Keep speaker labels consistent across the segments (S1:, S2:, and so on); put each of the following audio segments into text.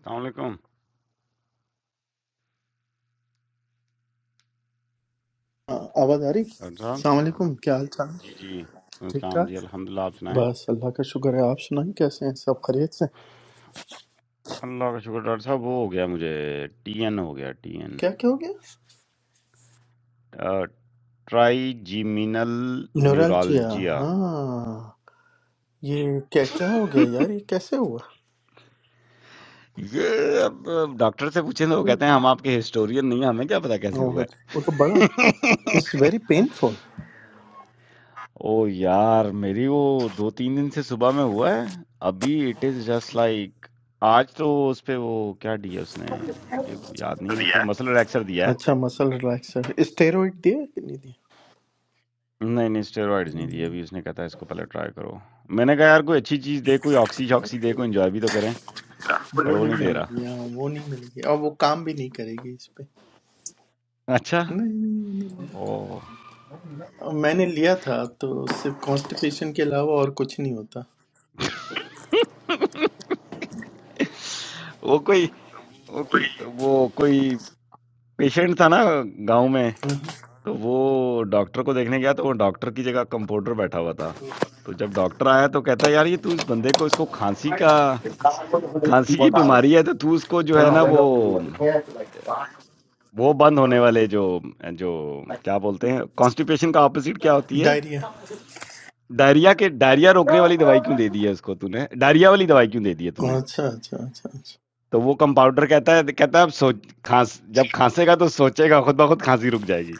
S1: السلام علیکم
S2: ہاں، آواز آ رہی
S1: ڈاکٹر صاحب
S2: السلام علیکم کیا حال چال
S1: جی جی
S2: ٹھیک
S1: السلام
S2: ٹھاک
S1: جی الحمدللہ آپ سنائیں
S2: بس اللہ کا شکر ہے آپ سنائیں کیسے ہیں سب خیریت سے
S1: اللہ کا شکر ڈاکٹر صاحب وہ ہو گیا مجھے ٹی این ہو گیا ٹی این
S2: کیا کیا ہو گیا
S1: ٹرائی جیمینل
S2: نیورالجیا
S1: نیورالجیا
S2: ہاں یہ کیا کیا ہو گیا یار یہ کیسے ہوا
S1: یہ اب ڈاکٹر سے پوچھیں تو وہ کہتے ہیں ہم آپ کے ہسٹورین نہیں ہیں، ہمیں کیا پتا کیسے ہوا
S2: اوہ، اچھا،
S1: ہے
S2: وہ تو بڑا اٹس ویری پین فول
S1: او یار میری وہ دو تین دن سے صبح میں ہوا ہے ابھی اٹ از جسٹ لائک آج تو اس پہ وہ کیا دیا اس نے مجھے یاد نہیں ہے
S3: Yeah.
S1: کوئی مسل ریلیکسر دیا ہے
S2: اچھا مسل ریلیکسر اسٹیروئڈ دیا کہ نہیں دیا
S1: نہیں، نہیں اسٹیرائڈز نہیں
S2: ہم،
S1: دیے ابھی اس نے کہا تھا اس کو پہلے ٹرائی کرو۔ میں نے کہا یار کوئی اچھی چیز دے، کوئی آکسی-شاکسی دے، کوئی انجوائے بھی تو کریں،
S3: Yeah.
S1: پر
S2: وہ
S1: وہ
S2: نہیں
S1: نہیں دے
S2: ملے
S1: رہا۔
S2: گی ہاں وہ نہیں ملے گی اور وہ کام بھی نہیں کرے گی اس پہ
S1: اچھا،
S2: نہیں نہیں وہ نہیں۔
S1: اوہ!
S2: وہ- میں نے لیا تھا تو صرف کانسٹیپیشن کے علاوہ اور کچھ نہیں ہوتا
S1: وہ کوئی وہ
S3: Please.
S1: وہ کوئی پیشنٹ تھا نا گاؤں میں، تو وہ ڈاکٹر کو دیکھنے گیا تو وہ ڈاکٹر کی جگہ کمپاؤنڈر بیٹھا ہوا تھا۔ تو جب ڈاکٹر آیا تو کہتا ہے یار یہ تو اس بندے کو اس کو کھانسی کا کھانسی کی بیماری ہے تو تو اس کو جو ہے نا وہ وہ بند ہونے والے جو جو کیا بولتے ہیں کانسٹیپیشن کا اپوزٹ کیا ہوتی ہے
S2: ڈائریا
S1: ڈائریا کے ڈائریا روکنے والی دوائی کیوں دے دی ہے اس کو تو نے ڈائریا والی دوائی کیوں دے دی ہے تو نے
S2: اچھا اچھا اچھا اچھا
S1: تو وہ کمپاؤڈر کہتا ہے کہتا ہے اب سوچ کھانس جب کھانسے گا تو سوچے گا خود بخود کھانسی رک جائے گی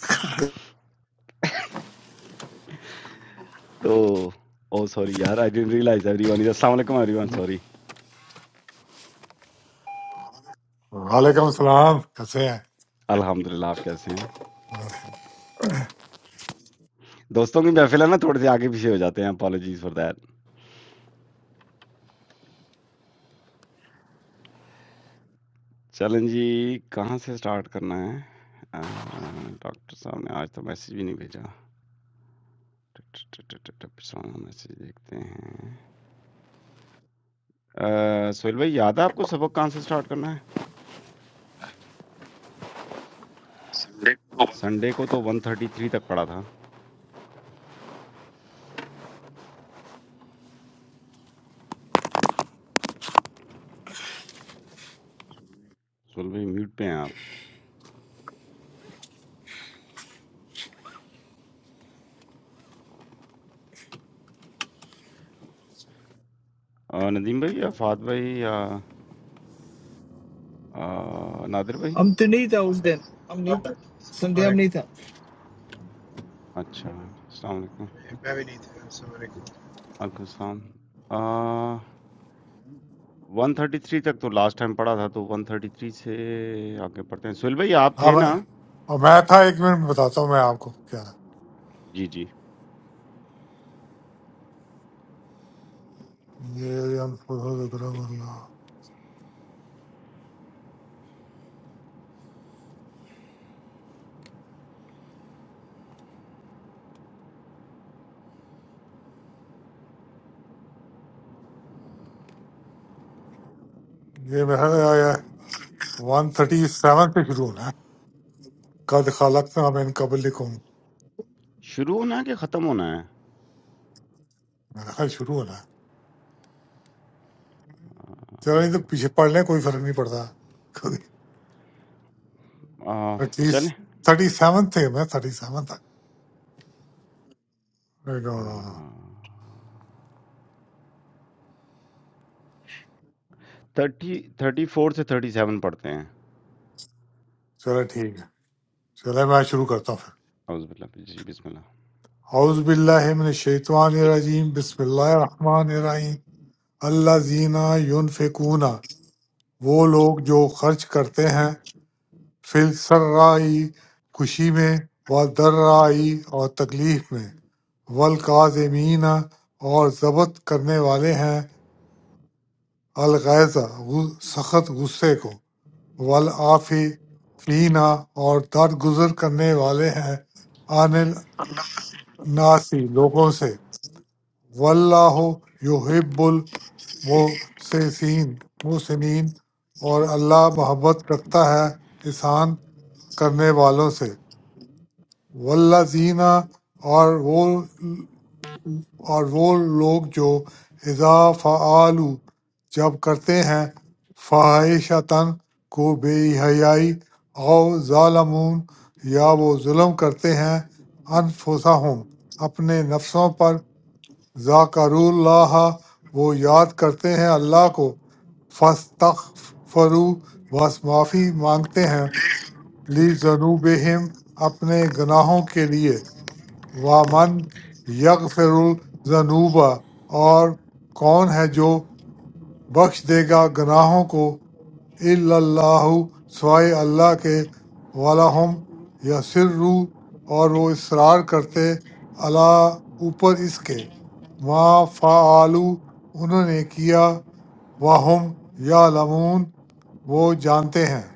S1: تو او سوری یار I didn't realize everyone السلام علیکم ایوری ون سوری
S4: وعلیکم السلام کیسے ہیں
S1: الحمد للہ آپ کیسے ہیں دوستوں کی محفل ہے نا تھوڑے سے آگے پیچھے ہو جاتے ہیں اپالوجیز فار دیٹ چلیں جی کہاں سے اسٹارٹ کرنا ہے آہ، ڈاکٹر صاحب نے آج تو میسج بھی نہیں بھیجا اسامہ میسج دیکھتے ہیں آ، سہیل بھائی یاد ہے آپ کو سبق کہاں سے سٹارٹ کرنا ہے
S3: Sunday کو
S1: سنڈے کو تو ون تھرٹی تھری تک پڑا تھا سہیل بھائی میوٹ پہ ہیں آپ آ، ندیم بھائی یا فہد بھائی یا آ، نادر بھائی
S3: ہم تو نہیں تھا اس دن ہم نہیں
S5: Assalamu
S3: تھے سنڈے ہم
S5: alaikum
S3: نہیں تھا
S5: warahmatullahi
S1: اچھا
S5: wabarakatuh.
S1: السلام علیکم
S5: Bienvenidos, assalamu alaikum.
S1: وعلیکم السلام ون تھرٹی تھری تک تو لاسٹ ٹائم پڑا تھا تو ون تھرٹی تھری سے آگے پڑھتے ہیں سہیل بھائی آپ تھے
S4: اب
S1: نا
S4: اور میں تھا ایک منٹ میں بتاتا ہوں میں آپ کو کیا
S1: جی جی
S4: ہے یہ ہم خدا کا کرم اللہ۔ یہ میرا ون تھرٹی سیون پہ شروع ہونا ہے قد خلق نہ میں قبل لکھوں
S1: شروع ہونا ہے کہ ختم ہونا ہے
S4: میرا خیال شروع ہونا ہے چلو یہ تو
S1: آ،
S4: پیچھے پڑھ لیں کوئی فرق نہیں پڑتا
S1: آ،
S4: تھرٹی
S1: چلیں
S4: تھرٹی سیون تھے میں تھرٹی سیون تک
S1: آ، 30 34 سے 37 پڑھتے ہیں
S4: چلو ٹھیک ہے چلو میں شروع کرتا ہوں پھر
S1: اعوذ باللہ جی بسم اللہ
S4: اعوذ باللہ من الشیطان الرجیم بسم اللہ الرحمن الرحیم اللہ زینہ یونفقون وہ لوگ جو خرچ کرتے ہیں فی السرائی خوشی میں و درائی اور تکلیف میں والکاظمین اور ضبط کرنے والے ہیں الغیظہ غو- سخت غصے کو والعافی فینا اور درگزر کرنے والے ہیں عن الناسی لوگوں سے واللہ یحب المحسسین محسنین اور اللہ محبت رکھتا ہے احسان کرنے والوں سے والذین اور وہ اور وہ لوگ جو اذا فعلوا جب کرتے ہیں فاحشتاً کو بے حیائی او ظالمون یا وہ ظلم کرتے ہیں انفسہم اپنے نفسوں پر ذاکر اللہ وہ یاد کرتے ہیں اللہ کو فستغفرو بس معافی مانگتے ہیں لی ذنوبہم اپنے گناہوں کے لیے وامن یغفر الذنوب اور کون ہے جو بخش دے گا گناہوں کو الا اللہ سوائے اللہ کے وَلَهُمْ یسروا اور وہ اصرار کرتے اللہ اوپر اس کے ما فعلوا انہوں نے کیا وَهُمْ یعلمون وہ جانتے ہیں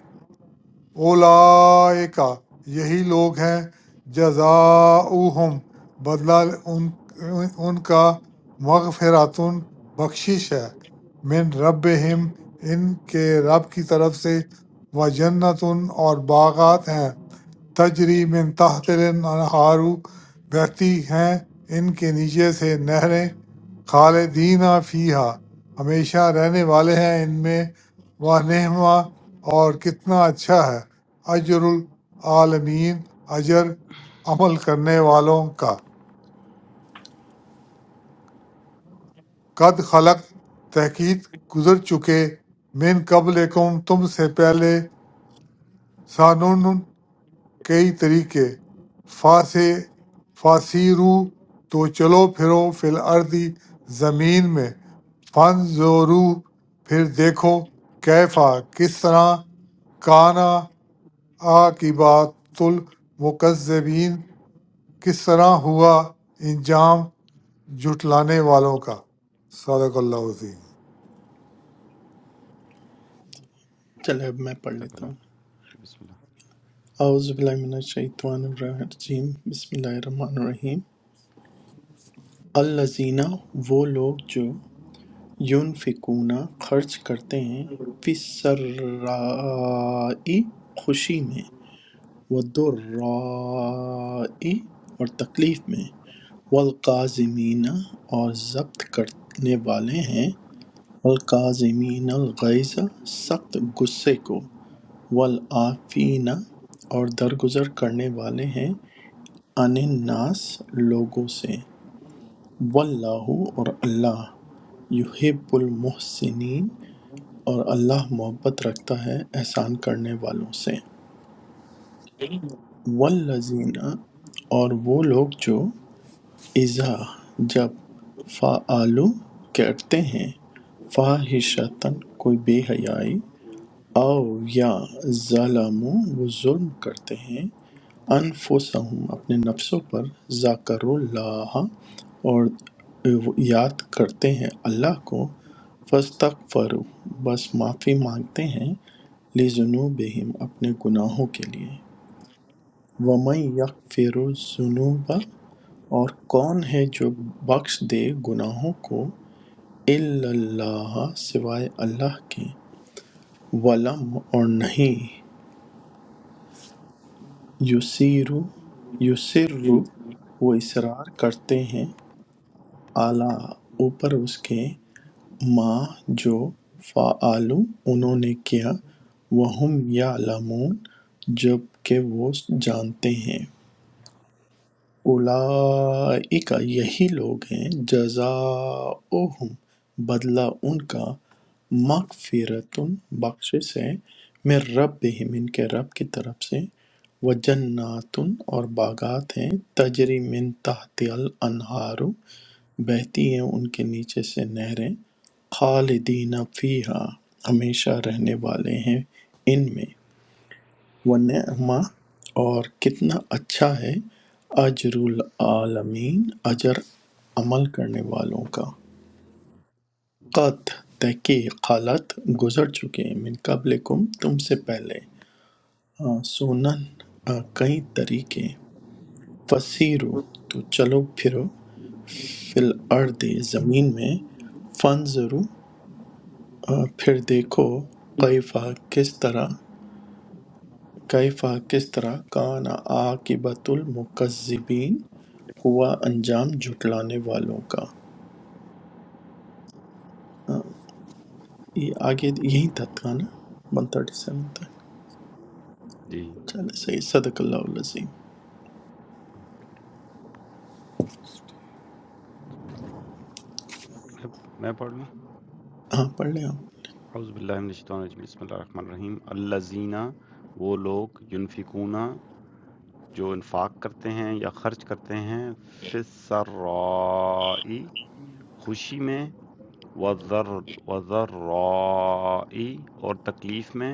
S4: اولائکا یہی لوگ ہیں جزاؤہم بدلہ ان ان کا مغفراتن بخشش ہے من ربہم ان کے رب کی طرف سے و جنتن اور باغات ہیں تجری من تحت الانہار بہتی ہیں ان کے نیچے سے نہریں خالدین فیہا ہمیشہ رہنے والے ہیں ان میں وہ نہما اور کتنا اچھا ہے اجر العالمین اجر عمل کرنے والوں کا قد خلق تحقیق گزر چکے من قبلکم تم سے پہلے سنن، کئی طریقے فاسے فاسیرو تو چلو پھرو فی الارضی زمین میں فانظرو پھر دیکھو کیفا کس طرح کانا عاقبات المکذبین کس طرح ہوا انجام جھٹلانے والوں کا صدق اللہ عظیم
S2: چلے اب میں پڑھ
S1: تق
S2: لیتا
S1: اللہ
S2: ہوں
S1: بسم اللہ
S2: اعوذ باللہ من الشیطان الرجیم بسم اللہ الرحمن الرحیم الزینہ وہ لوگ جو یونفقون خرچ کرتے ہیں فی سرائی خوشی میں و اور تکلیف میں والقازمین اور ضبط کرنے والے ہیں والقازمین الغیظ سخت غصے کو والعافین اور درگزر کرنے والے ہیں عن الناس لوگوں سے واللہ اور اللہ یحب المحسنین اور اللہ محبت رکھتا ہے احسان کرنے والوں سے والذین اور وہ لوگ جو اذا جب فعلو کرتے ہیں فاحشتن کوئی بے حیائی او یا ظلم وہ ظلم کرتے ہیں انفسہم اپنے نفسوں پر ذاکر اللہ اور یاد کرتے ہیں اللہ کو فستغفروا بس معافی مانگتے ہیں لذنوبہم اپنے گناہوں کے لیے ومن یغفر الذنوب اور کون ہے جو بخش دے گناہوں کو الا اللہ سوائے اللہ کے ولم اور نہیں یسیرو یسر وہ اصرار کرتے ہیں اعلیٰ اوپر اس کے ما جو فعلوا انہوں نے کیا وہم یعلمون جب کہ وہ جانتے ہیں اولئک یہی لوگ ہیں جزاؤہم بدلہ ان کا مغفرت بخشش ہے من ربہم ان کے رب کی طرف سے وجنات اور باغات ہیں تجری من تحت الانہار بہتی ہیں ان کے نیچے سے نہریں خالدین فیہا ہمیشہ رہنے والے ہیں ان میں ونعما اور کتنا اچھا ہے اجر العالمین اجر عمل کرنے والوں کا قط تحقیق خالت گزر چکے ہیں من قبلکم تم سے پہلے آ، سنن آ، کئی طریقے فسیرو تو چلو پھرو فل ارد زمین میں فنظرو آ، پھر دیکھو کیفا کس طرح کیفا کس طرح کان عاقبت المکذبین ہوا انجام جھٹلانے والوں کا یہ آگے یہی تھا تھا نا ون تھرٹی سیون تک
S1: جی
S2: چلے صحیح صدق اللہ العظیم
S1: میں میں پڑھ لوں
S2: ہاں پڑھ لیں آپ
S1: اعوذ باللہ من الشیطان الرجیم بسم اللہ الرحمن الرحیم الذین وہ لوگ ینفقون جو انفاق کرتے ہیں یا خرچ کرتے ہیں فسرائی خوشی میں وَالذَّرْ وَالذَّرَّاءِ اور تکلیف میں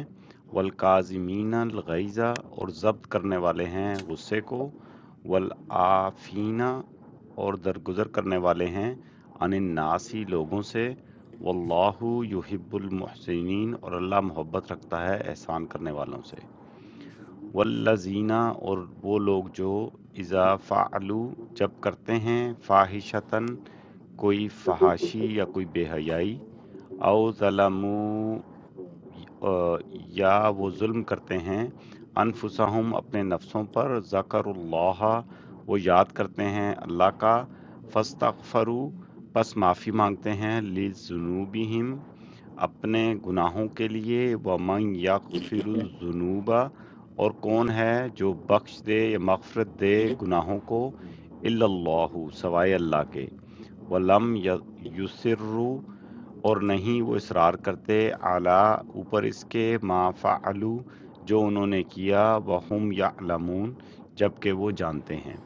S1: والکاظمین الغیظ اور ضبط کرنے والے ہیں غصے کو والعافین اور درگزر کرنے والے ہیں عن الناسی لوگوں سے واللہ یحب المحسنین اور اللہ محبت رکھتا ہے احسان کرنے والوں سے والذین اور وہ لوگ جو اذا فعلوا جب کرتے ہیں فاحشتن کوئی فحاشی یا کوئی بے حیائی او ظلمو آ، یا وہ ظلم کرتے ہیں انفسہم اپنے نفسوں پر ذکر اللہ وہ یاد کرتے ہیں اللہ کا فاستغفروا پس معافی مانگتے ہیں لذنوبہم اپنے گناہوں کے لیے ومن یغفر الذنوب اور کون ہے جو بخش دے یا مغفرت دے گناہوں کو الا اللہ سوائے اللہ کے ولم یسروا اور نہیں وہ اصرار کرتے اعلیٰ اوپر اس کے ما فعلو جو انہوں نے کیا وہم یعلمون جبکہ وہ جانتے ہیں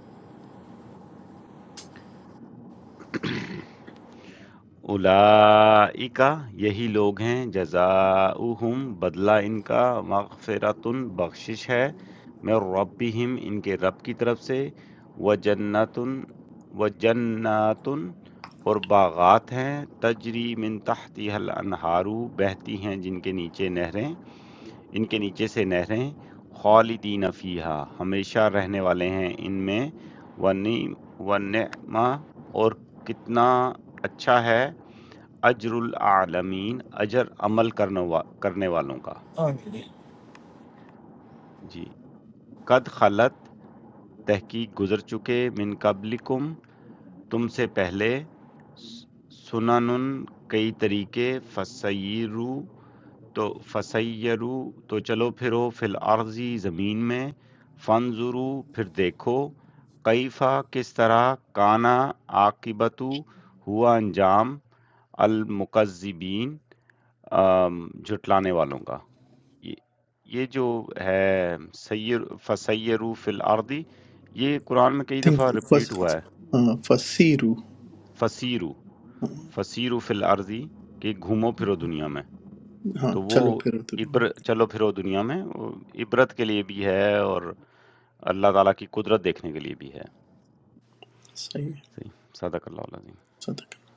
S1: اولئک یہی لوگ ہیں جزاؤہم بدلہ ان کا مغفرتن بخشش ہے من ربہم ان کے رب کی طرف سے وجنتن وجناتن اور باغات ہیں تجری من تحتها الانہارو بہتی ہیں جن کے نیچے نہریں ان کے نیچے سے نہریں خالدین فیہا ہمیشہ رہنے والے ہیں ان میں ونعم ونعمہ اور کتنا اچھا ہے اجر العالمین اجر عمل کرنے وا- کرنے والوں کا
S3: ہاں جی۔
S1: جی قد خلط تحقیق گزر چکے من قبلکم تم سے پہلے س- سنن کئی طریقے فسیرو تو فَسَیَّرُوا تو چلو پھرو فِی الْأَرْضِ زمین میں فَانْظُرُوا پھر دیکھو کیفَ کس طرح کانا عاقبتُ ہوا انجام المکذبین آم، جھٹلانے والوں کا یہ یہ جو ہے سیر فَسَیَّرُوا فِی الْأَرْضِ یہ قرآن میں کئی
S2: تھنک
S1: دفعہ
S2: فس
S1: رپیٹ ہوا ہے
S2: ہاں فسیرو
S1: فَسِیرُوا فَسِیرُوا فِی الْأَرْضِ کہ گھومو پھرو دنیا میں
S2: ہاں
S1: تو وہ
S2: چلو پھر ادھر
S1: عبر چلو پھرو دنیا میں وہ عبرت کے لیے بھی ہے اور اللہ تعالیٰ کی قدرت دیکھنے کے لیے بھی ہے
S2: صحیح ہے،
S1: صحیح صدق اللہ العظیم
S2: صدق اللہ۔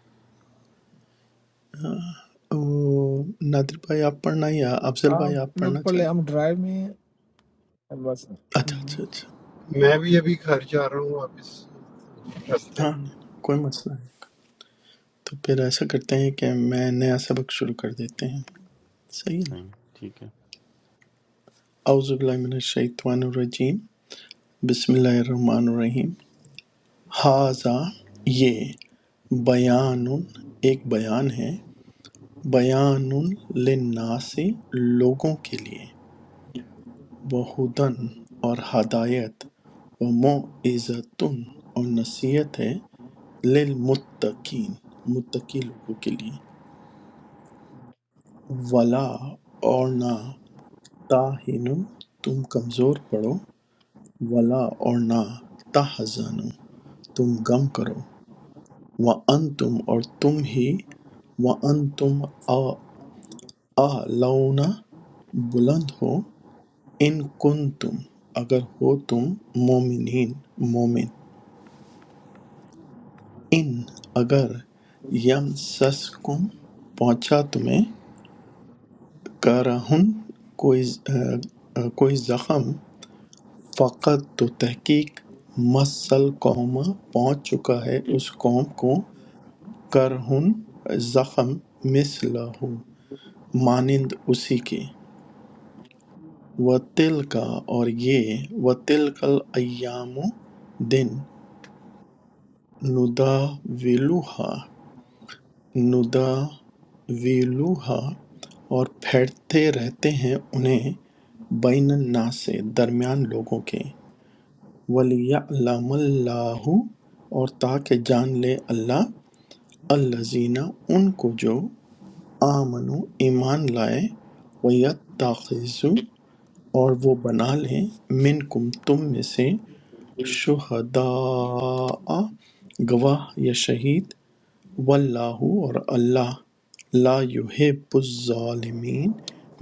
S2: ہاں، وہ نادر بھائی آپ پڑھنا یا افضل بھائی آپ
S3: آپ لوگ
S2: پڑھنا
S3: پڑھ لیں
S2: چاہیں
S3: ہم ڈرائیو میں ہیں۔
S2: اچھا اچھا اچھا ہاں نہیں، نہیں، کوئی مسئلہ تو پھر ایسا کرتے ہیں کہ میں نیا سبق شروع کر دیتے ہیں صحیح ہے نا
S1: صحیح ٹھیک ہے
S2: اعوذ باللہ من الشیطان الرجیم بسم اللہ الرحمن الرحیم ہاضا یہ بیان ایک بیان ہے بیان للناس لوگوں کے لیے بہدن اور ہدایت و معزت اور نصیحت ہے للمتقین متقی لوگوں کے لیے ولا اور نہ تاہنُ تم کمزور پڑو ولا اور نہ تحزنوا تم غم کرو وانتم اور تم ہی وانتم اعلون بلند ہو ان کن تم اگر ہو تم مومنین مومن ان اگر یم سس کم پہنچا تمہیں کرہن کوئی آ، آ، کوئی زخم فقط تو تحقیق مسل قوما پہنچ چکا ہے اس قوم کو کرہن زخم مثلہ مانند اسی کے و تل کا اور یہ و تل کل ایام دن ندا ویلوہا ندا ویلوہا اور پھیرتے رہتے ہیں انہیں بین الناس سے درمیان لوگوں کے وَلِيَعْلَمَ اللَّهُ اور تاکہ جان لے اللہ الذین ان کو جو آمنو ایمان لائے وَيَتَّخِذُ اور وہ بنا لیں منکم تم میں سے شہداء گواہ یا شہید واللہ اور اللہ لا یحب الظالمین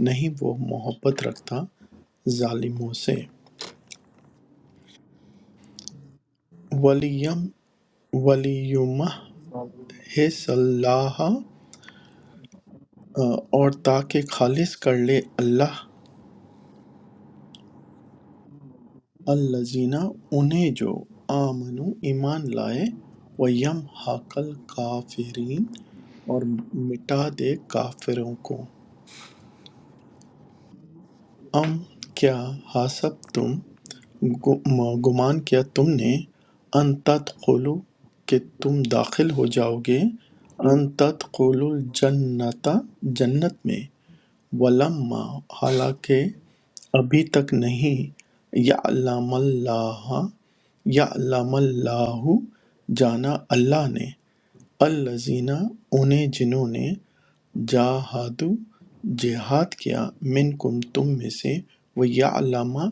S2: نہیں وہ محبت رکھتا ظالموں سے ولیم ہے صلاح اور تاکہ خالص کر لے اللہ الذین انہیں جو آمنو ایمان لائے و یم حقل کافرین اور مٹا دے کافروں کو ام کیا حسب تم گم- گمان کیا تم نے ان تدخلو کہ تم داخل ہو جاؤ گے ان تدخلو الجنت جنت میں ولما حالانکہ ابھی تک نہیں یعلم اللہ یعلم اللہ جانا اللہ نے الذین انہیں جنہوں نے جاہدو جہاد کیا منکم تم میں سے وہ علامہ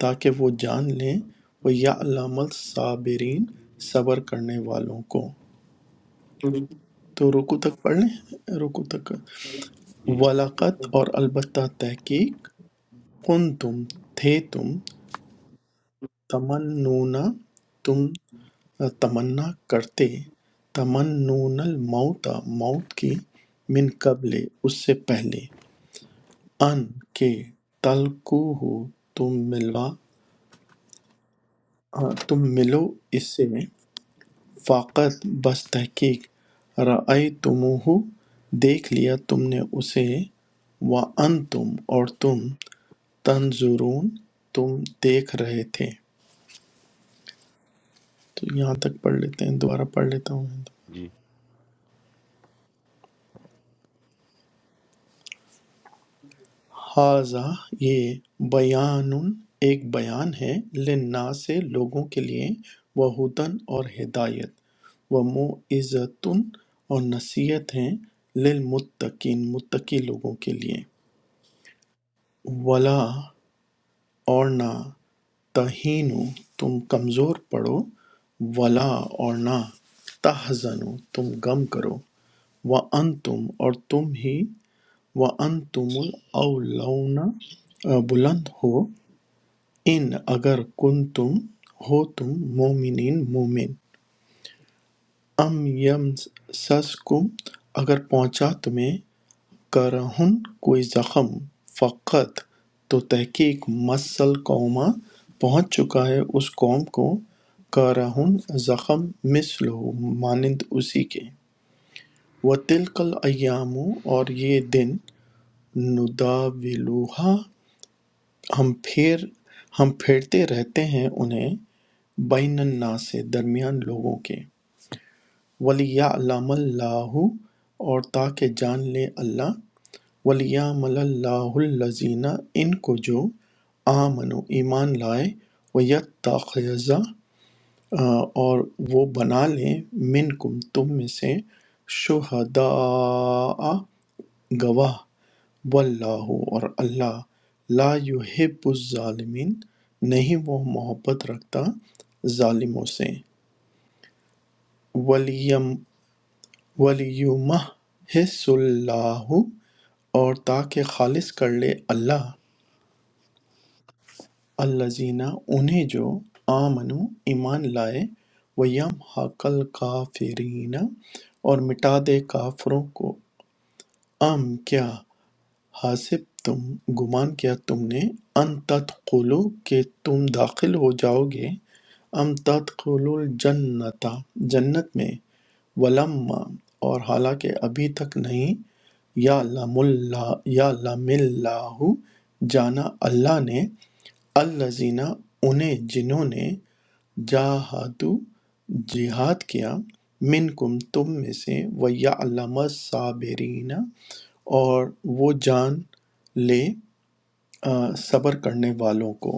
S2: تاکہ وہ جان لیں وہ علام الصابرین صبر کرنے والوں کو تو رکو تک پڑھ لیں رکو تک
S1: جی
S2: ولاقت اور البتہ تحقیق کنتم تھے تم تمنون تم تمنا کرتے تمنون الموت موت کی من قبل اس سے پہلے ان کے تلکو ہو تم ملوا تم ملو اس سے فقط بس تحقیق رائے دیکھ لیا تم نے اسے وانتم اور تم تنظرون تم دیکھ رہے تھے تو یہاں تک پڑھ لیتے ہیں دوبارہ پڑھ لیتا ہوں میں
S1: جی صدق
S2: حاضہ یہ بیان ایک بیان ہے لنا سے لوگوں کے لیے وہ ہدن اور ہدایت وہ معزتن اور نصیحت ہیں للمتقین متقی لوگوں کے لیے ولا اور نہ تہین تم کمزور پڑو ولا اور نہ تحزن تم غم کرو وانتم اور تم ہی وَأَنْتُمُ الْأَعْلَوْنَ بلند ہو ان اگر کن تم ہو تم مومنین مومن ام یم سسکم اگر پہنچا تمہیں کرہن کوئی زخم فقط تو تحقیق مسل قوما پہنچ چکا ہے اس قوم کو کرہن زخم مثل ہو مانند اسی کے وَتِلْكَ الْأَيَّامُ اور یہ دن نداولوہا ہم پھیر ہم پھیرتے رہتے ہیں انہیں بین الناس سے درمیان لوگوں کے وَلِيَعْلَمَ اللہ اور تاکہ جان لے اللہ وَلِيَعْمَلَ اللَّهُ الَّذِينَ ان کو جو آمنو ایمان لائے وَيَتَّخِذَ آ، اور وہ بنا لیں منکم تم میں سے شہداء گواہ واللہ اور اللہ لا یحب الظالمین نہیں وہ محبت رکھتا ظالموں سے ولیم ولیمہ حس اللہ اور تاکہ خالص کر لے اللہ الزینہ انہیں جو آمنو ایمان لائے ویم حقل کافرین اور مٹا دے کافروں کو ام کیا حاسب تم گمان کیا تم نے ان تدخلوا کہ تم داخل ہو جاؤ گے ام تدخلوا الجنت جنت میں ولما اور حالانکہ ابھی تک نہیں یا لم اللہ یا لم اللہ جانا اللہ نے الزینہ انہیں جنہوں نے جاہدو جہاد کیا منکم تم میں سے ویعلم الصابرین اور وہ جان لے آ، صبر کرنے والوں کو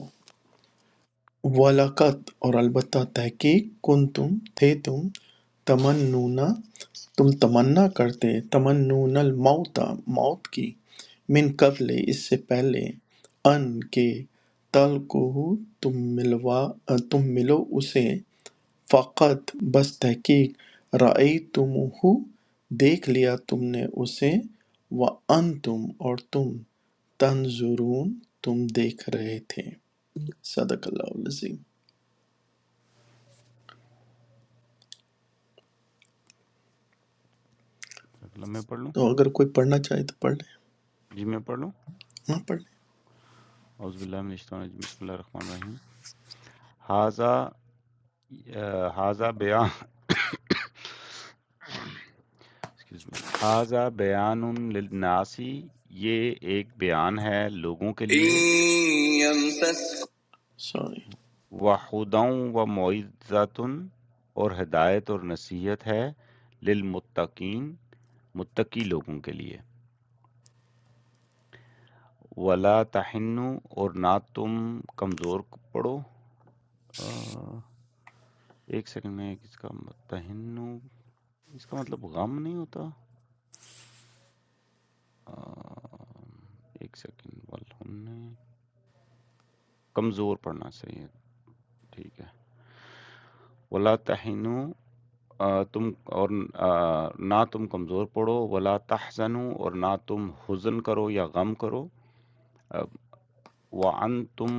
S2: وَلَقَدْ اور البتہ تحقیق کن تم تھے تم تمنونا تم تمنا کرتے تمنون الموت موت کی من قبل اس سے پہلے ان کے تل کو تم ملوا تم ملو اسے فقط بس تحقیق رَأَیتُمُوہُ دیکھ لیا تم نے اسے وَأَنْتُمْ اور تم تنظرون تم دیکھ رہے تھے صدق اللہ العظیم
S1: اللہ میں پڑھ لوں
S2: تو اگر کوئی پڑھنا چاہے تو پڑھ لیں
S1: جی میں پڑھ لوں
S2: ہاں پڑھ لیں
S1: اعوذ باللہ من الشیطان الرجیم بسم اللہ الرحمن الرحیم حاذا اہ، حاذا بیان ایکسکیوز می حاذا بیان للناسی یہ ایک بیان ہے لوگوں کے
S2: إن
S1: لیے
S2: يمسسك سوری
S1: وَہُدًى وَمَوعِظَةٌ اور ہدایت اور نصیحت ہے للمتقین متقی لوگوں کے لیے وَلَا تَحِنُّوا اور نہ تم کمزور پڑو آ، ایک سیکنڈ میں اس کا مت- تَحِنُّوا اس کا مطلب غم نہیں ہوتا آ، ایک سیکنڈ والہن کمزور پڑنا صحیح ہے ٹھیک ہے وَلَا تَحِنُّوا آ، تم اور آ، نہ تم کمزور پڑو ولا تحزنوا اور نہ تم حزن کرو یا غم کرو آ، وَأَنْتُمُ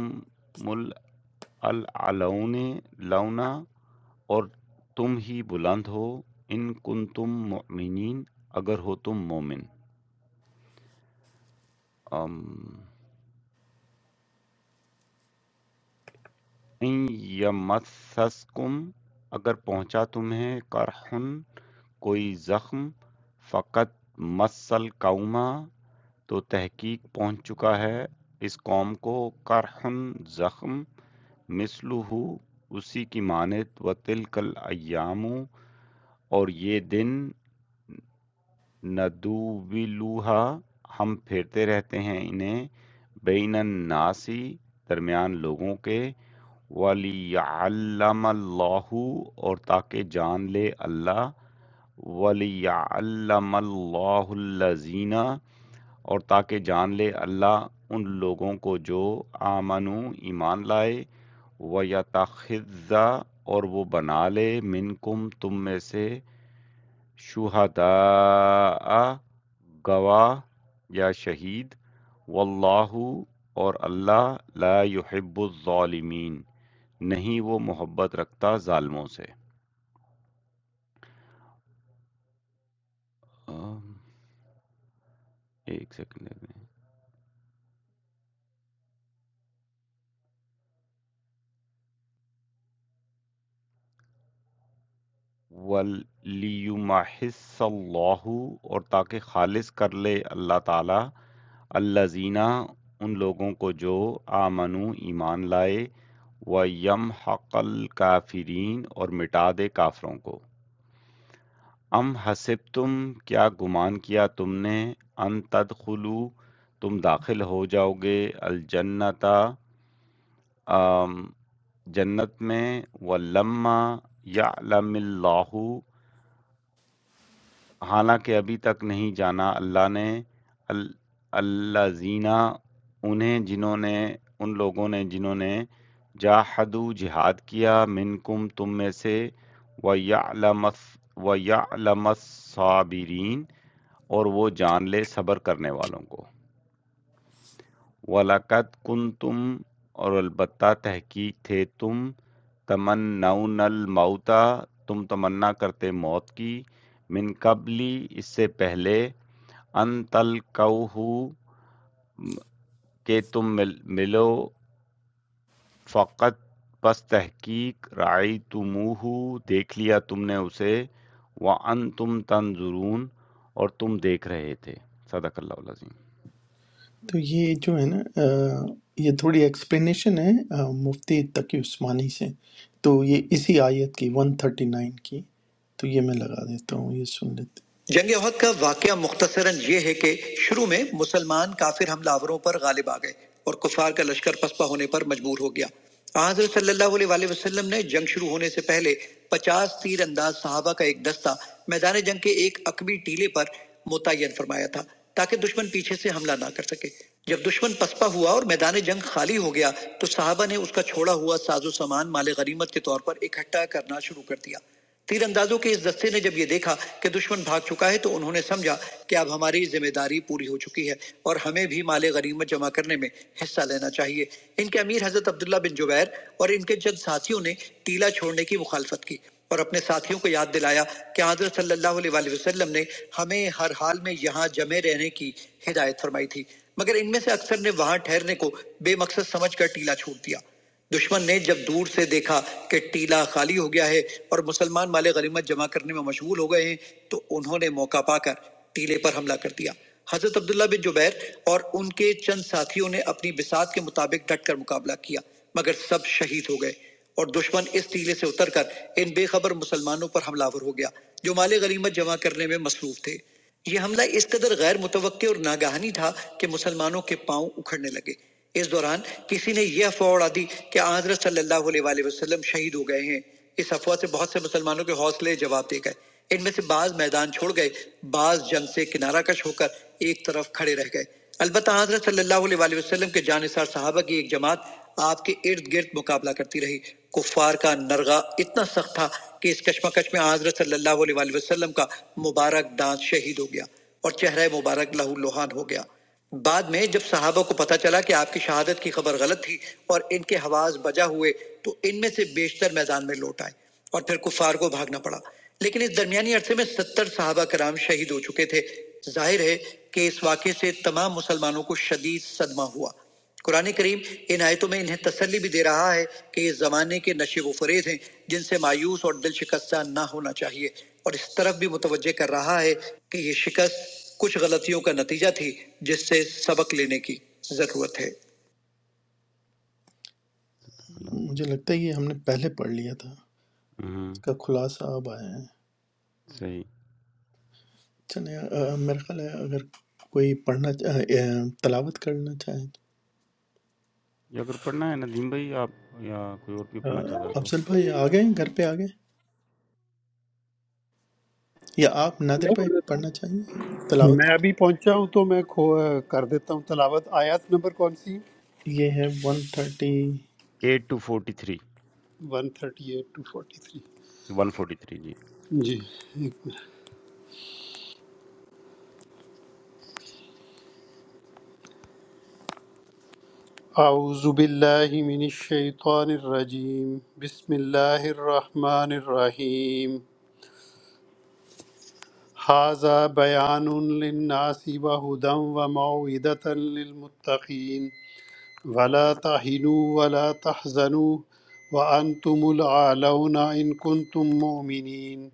S1: الْأَعْلَوْنَ لَوْنَا اور تم ہی بلند ہو ان کنتم مؤمنین اگر ہو تم مومن آم، ان یمسسکم اگر پہنچا تمہیں کرحن کوئی زخم فقط مسل قوما تو تحقیق پہنچ چکا ہے اس قوم کو قرحن زخم مثلہ اسی کی مانت و تلکل ایام اور یہ دن ندوبلوہا ہم پھیرتے رہتے ہیں انہیں بین الناسی درمیان لوگوں کے وَلِيَعَلَّمَ اللَّهُ اور تاکہ جان لے اللہ وَلِيَعَلَّمَ اللَّهُ الَّذِينَ اور تاکہ جان لے اللہ ان لوگوں کو جو آمنو ایمان لائے و اور وہ بنا لے منکم تم میں سے شہداء گواہ یا شہید واللہ اور اللہ لا یحب الظالمین نہیں وہ محبت رکھتا ظالموں سے آم، ایک سیکنڈ میں وَلْيُمَحِصَّ اللَّهُ اور تاکہ خالص کر لے اللہ تعالی الزینہ ان لوگوں کو جو آمنو ایمان لائے و یم حق الکافرین اور مٹا دے کافروں کو ام حسب تم کیا گمان کیا تم نے ان تدخلو تم داخل ہو جاؤ گے الجنتا جنت میں ولما یعلم اللہ حالانکہ ابھی تک نہیں جانا اللہ نے ال الذینہ انہیں جنہوں نے ان لوگوں نے جنہوں نے جاہدوا جہاد کیا منکم تم میں سے وَيَعْلَمَ الص- وَيَعْلَمَ الصَّابِرِينَ اور وہ جان لے صبر کرنے والوں کو وَلَقَدْ كُنْتُمْ اور البتہ تحقیق تھے تم تمنون الموتا تم تمنا کرتے موت کی من قبلی اس سے پہلے ان تلقوہ کہ تم مل ملو فقط پس تحقیق رعیتموہ دیکھ لیا تم نے اسے وانتم تنظرون اور تم دیکھ رہے تھے صدق اللہ العظیم
S2: تو یہ جو ہے نا آ، یہ تھوڑی ایکسپلینیشن ہے آ، مفتی تقی عثمانی سے تو
S1: جی
S2: یہ اسی آیت کی 139 کی تو یہ میں لگا دیتا ہوں یہ سن لیتے ہیں جنگ احد کا واقعہ مختصراً یہ ہے کہ شروع میں مسلمان کافر حملہ آوروں پر غالب آ گئے اور کفار کا لشکر پسپا ہونے پر مجبور ہو گیا آن حضرت صلی اللہ علیہ وآلہ وسلم نے جنگ شروع ہونے سے پہلے پچاس تیر انداز صحابہ کا ایک دستہ میدان جنگ کے ایک عقبی ٹیلے پر متعین فرمایا تھا تاکہ دشمن پیچھے سے حملہ نہ کر سکے جب دشمن پسپا ہوا اور میدان جنگ خالی ہو گیا تو صحابہ نے اس کا چھوڑا ہوا ساز و سامان مال غنیمت کے طور پر اکٹھا کرنا شروع کر دیا تیر اندازوں کے اس دستے نے جب یہ دیکھا کہ دشمن بھاگ چکا ہے تو انہوں نے سمجھا کہ اب ہماری ذمہ داری پوری ہو چکی ہے اور ہمیں بھی مال غنیمت جمع کرنے میں حصہ لینا چاہیے ان کے امیر حضرت عبداللہ بن جبیر اور ان کے چند ساتھیوں نے ٹیلا چھوڑنے کی مخالفت کی اور اپنے ساتھیوں کو یاد دلایا کہ حضرت صلی اللہ علیہ وآلہ وسلم نے ہمیں ہر حال میں یہاں جمع رہنے کی ہدایت فرمائی تھی مگر ان میں سے اکثر نے وہاں ٹھہرنے کو بے مقصد سمجھ کر ٹیلا چھوڑ دیا دشمن نے جب دور سے دیکھا کہ ٹیلا خالی ہو گیا ہے اور مسلمان مال غنیمت جمع کرنے میں مشغول ہو گئے ہیں تو انہوں نے موقع پا کر ٹیلے پر حملہ کر دیا حضرت عبداللہ بن جبیر اور ان کے چند ساتھیوں نے اپنی بساط کے مطابق ڈٹ کر مقابلہ کیا مگر سب شہید ہو گئے اور دشمن اس ٹیلے سے اتر کر ان بے خبر مسلمانوں پر حملہ آور ہو گیا جو مال غنیمت جمع کرنے میں مصروف تھے یہ حملہ اس قدر غیر متوقع اور ناگہانی تھا کہ مسلمانوں کے پاؤں اکھڑنے لگے اس دوران کسی نے یہ افواہ اڑا دی کہ آن حضرت صلی اللہ علیہ وآلہ وسلم شہید ہو گئے ہیں اس افواہ سے بہت سے مسلمانوں کے حوصلے جواب دے گئے ان میں سے بعض میدان چھوڑ گئے بعض جنگ سے کنارہ کش ہو کر ایک طرف کھڑے رہ گئے البتہ حضرت صلی اللہ علیہ وآلہ وسلم کے جانثار صحابہ کی ایک جماعت آپ کے ارد گرد مقابلہ کرتی رہی کفار کا نرغہ اتنا سخت تھا کہ اس کشمکش میں حضرت صلی اللہ علیہ وآلہ وسلم کا مبارک دانت شہید ہو گیا اور چہرہ مبارک لہو لوہان ہو گیا بعد میں جب صحابہ کو پتہ چلا کہ آپ کی شہادت کی خبر غلط تھی اور ان کے حواس بجا ہوئے تو ان میں سے بیشتر میدان میں لوٹ آئے اور پھر کفار کو بھاگنا پڑا لیکن اس درمیانی عرصے میں ستر صحابہ کرام شہید ہو چکے تھے ظاہر ہے کہ اس واقعے سے تمام مسلمانوں کو شدید صدمہ ہوا قرآن کریم ان آیتوں میں انہیں تسلی بھی دے رہا ہے کہ یہ زمانے کے نشے و فریب ہیں جن سے مایوس اور دل شکستہ نہ ہونا چاہیے اور اس طرف بھی متوجہ کر رہا ہے کہ یہ شکست کچھ غلطیوں کا نتیجہ تھی جس سے سبق لینے کی ضرورت ہے
S1: صدق اللہ
S2: مجھے لگتا ہے یہ ہم نے پہلے پڑھ لیا تھا اس
S1: العظیم۔ ہوں،
S2: کا خلاصہ اب آیا ہے
S1: صحیح
S2: چلیں آ، میرا خیال ہے اگر کوئی پڑھنا چا- آ، آ، تلاوت کرنا چاہے تو،
S1: یہ اگر پڑھنا ہے ندیم بھائی آپ یا کوئی اور بھی
S2: آ،
S1: پڑھنا چاہتا ہے تو
S2: افضل بھائی آ گئے ہیں؟ گھر پہ آ گئے ہیں؟ یا آپ نادر
S6: Never
S2: بھائی
S6: let them
S2: پڑھنا چاہیں گے تلاوت
S7: میں ابھی پہنچا ہوں تو میں کھو کر دیتا ہوں تلاوت آیات نمبر کون سی
S2: یہ ہے one thirty
S1: eight two forty three
S7: one thirty eight two forty three
S1: one forty three جی
S7: جی ایک منٹ۔ اعوذ باللہ من الشیطان الرجیم بسم اللہ الرحمن الرحیم هذا بیان للناس وهدى وموعظة للمتقین ولا تهنوا ولا تحزنوا وأنتم العالون إن كنتم مؤمنين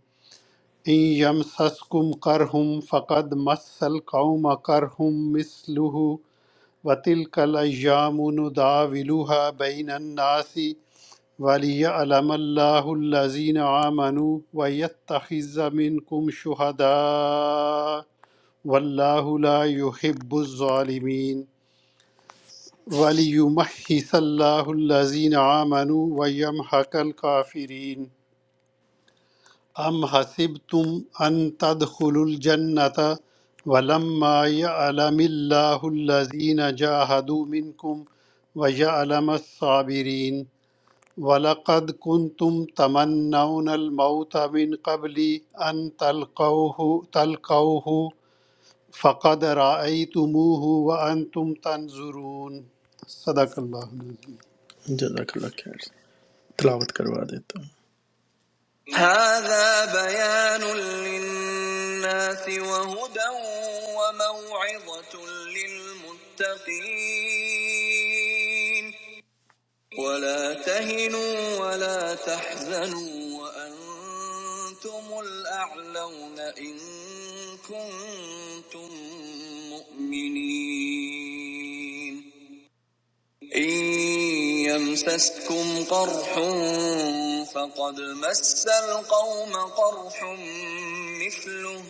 S7: ان یمسسکم کرہم فقد مس القوم کرہم مثلہ وتلک الایام نداولها بین الناس ولیعلم اللہ الذین آمنوا ویتخذ منکم شہداء واللہ لا یحب الظالمین ولیمحص اللہ الذین آمنوا ویمحق الکافرین ام حسبتم ان تدخلوا الجنة ولما يعلم الله الذين جاهدوا منكم ويعلم الصابرين ولقد كنتم تمنون الموت من قبل أن تلقوه تلقوه فقد رأيتموه وأنتم تنظرون صدق اللہ العظیم
S2: جزاک اللہ خیر تلاوت کروا دیتا ہوں هذا بيان للناس وهدى وموعظة للمتقين ولا تهنوا ولا تحزنوا وأنتم الأعلون إن كنتم مؤمنين إن يمسسكم قرح فقد مس القوم قرح مثله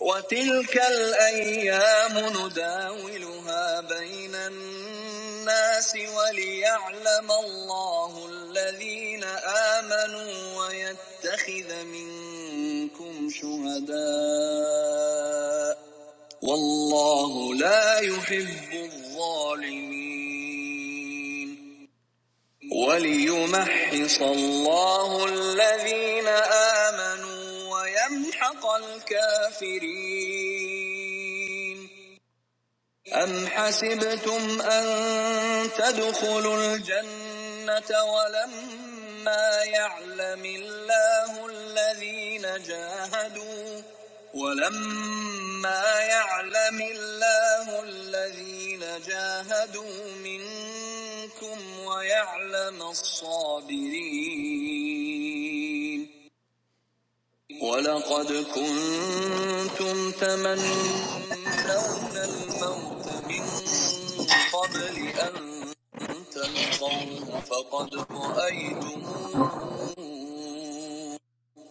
S2: وتلك الأيام نداولها بين الناس وليعلم الله الذين آمنوا ويتخذ منكم شهداء والله لا يحب الظالمين وليمحص الله الذين آمنوا ويمحق الكافرين أَمْ حَسِبْتُمْ أَن تَدْخُلُوا الْجَنَّةَ وَلَمَّا يَعْلَمِ اللَّهُ الَّذِينَ جَاهَدُوا وَلَمَّا يَعْلَمِ اللَّهُ الَّذِينَ جَاهَدُوا مِنكُمْ وَيَعْلَمَ الصَّابِرِينَ ولقد كنتم تمنون الموت من قبل أن تلقوه فقد رأيتموه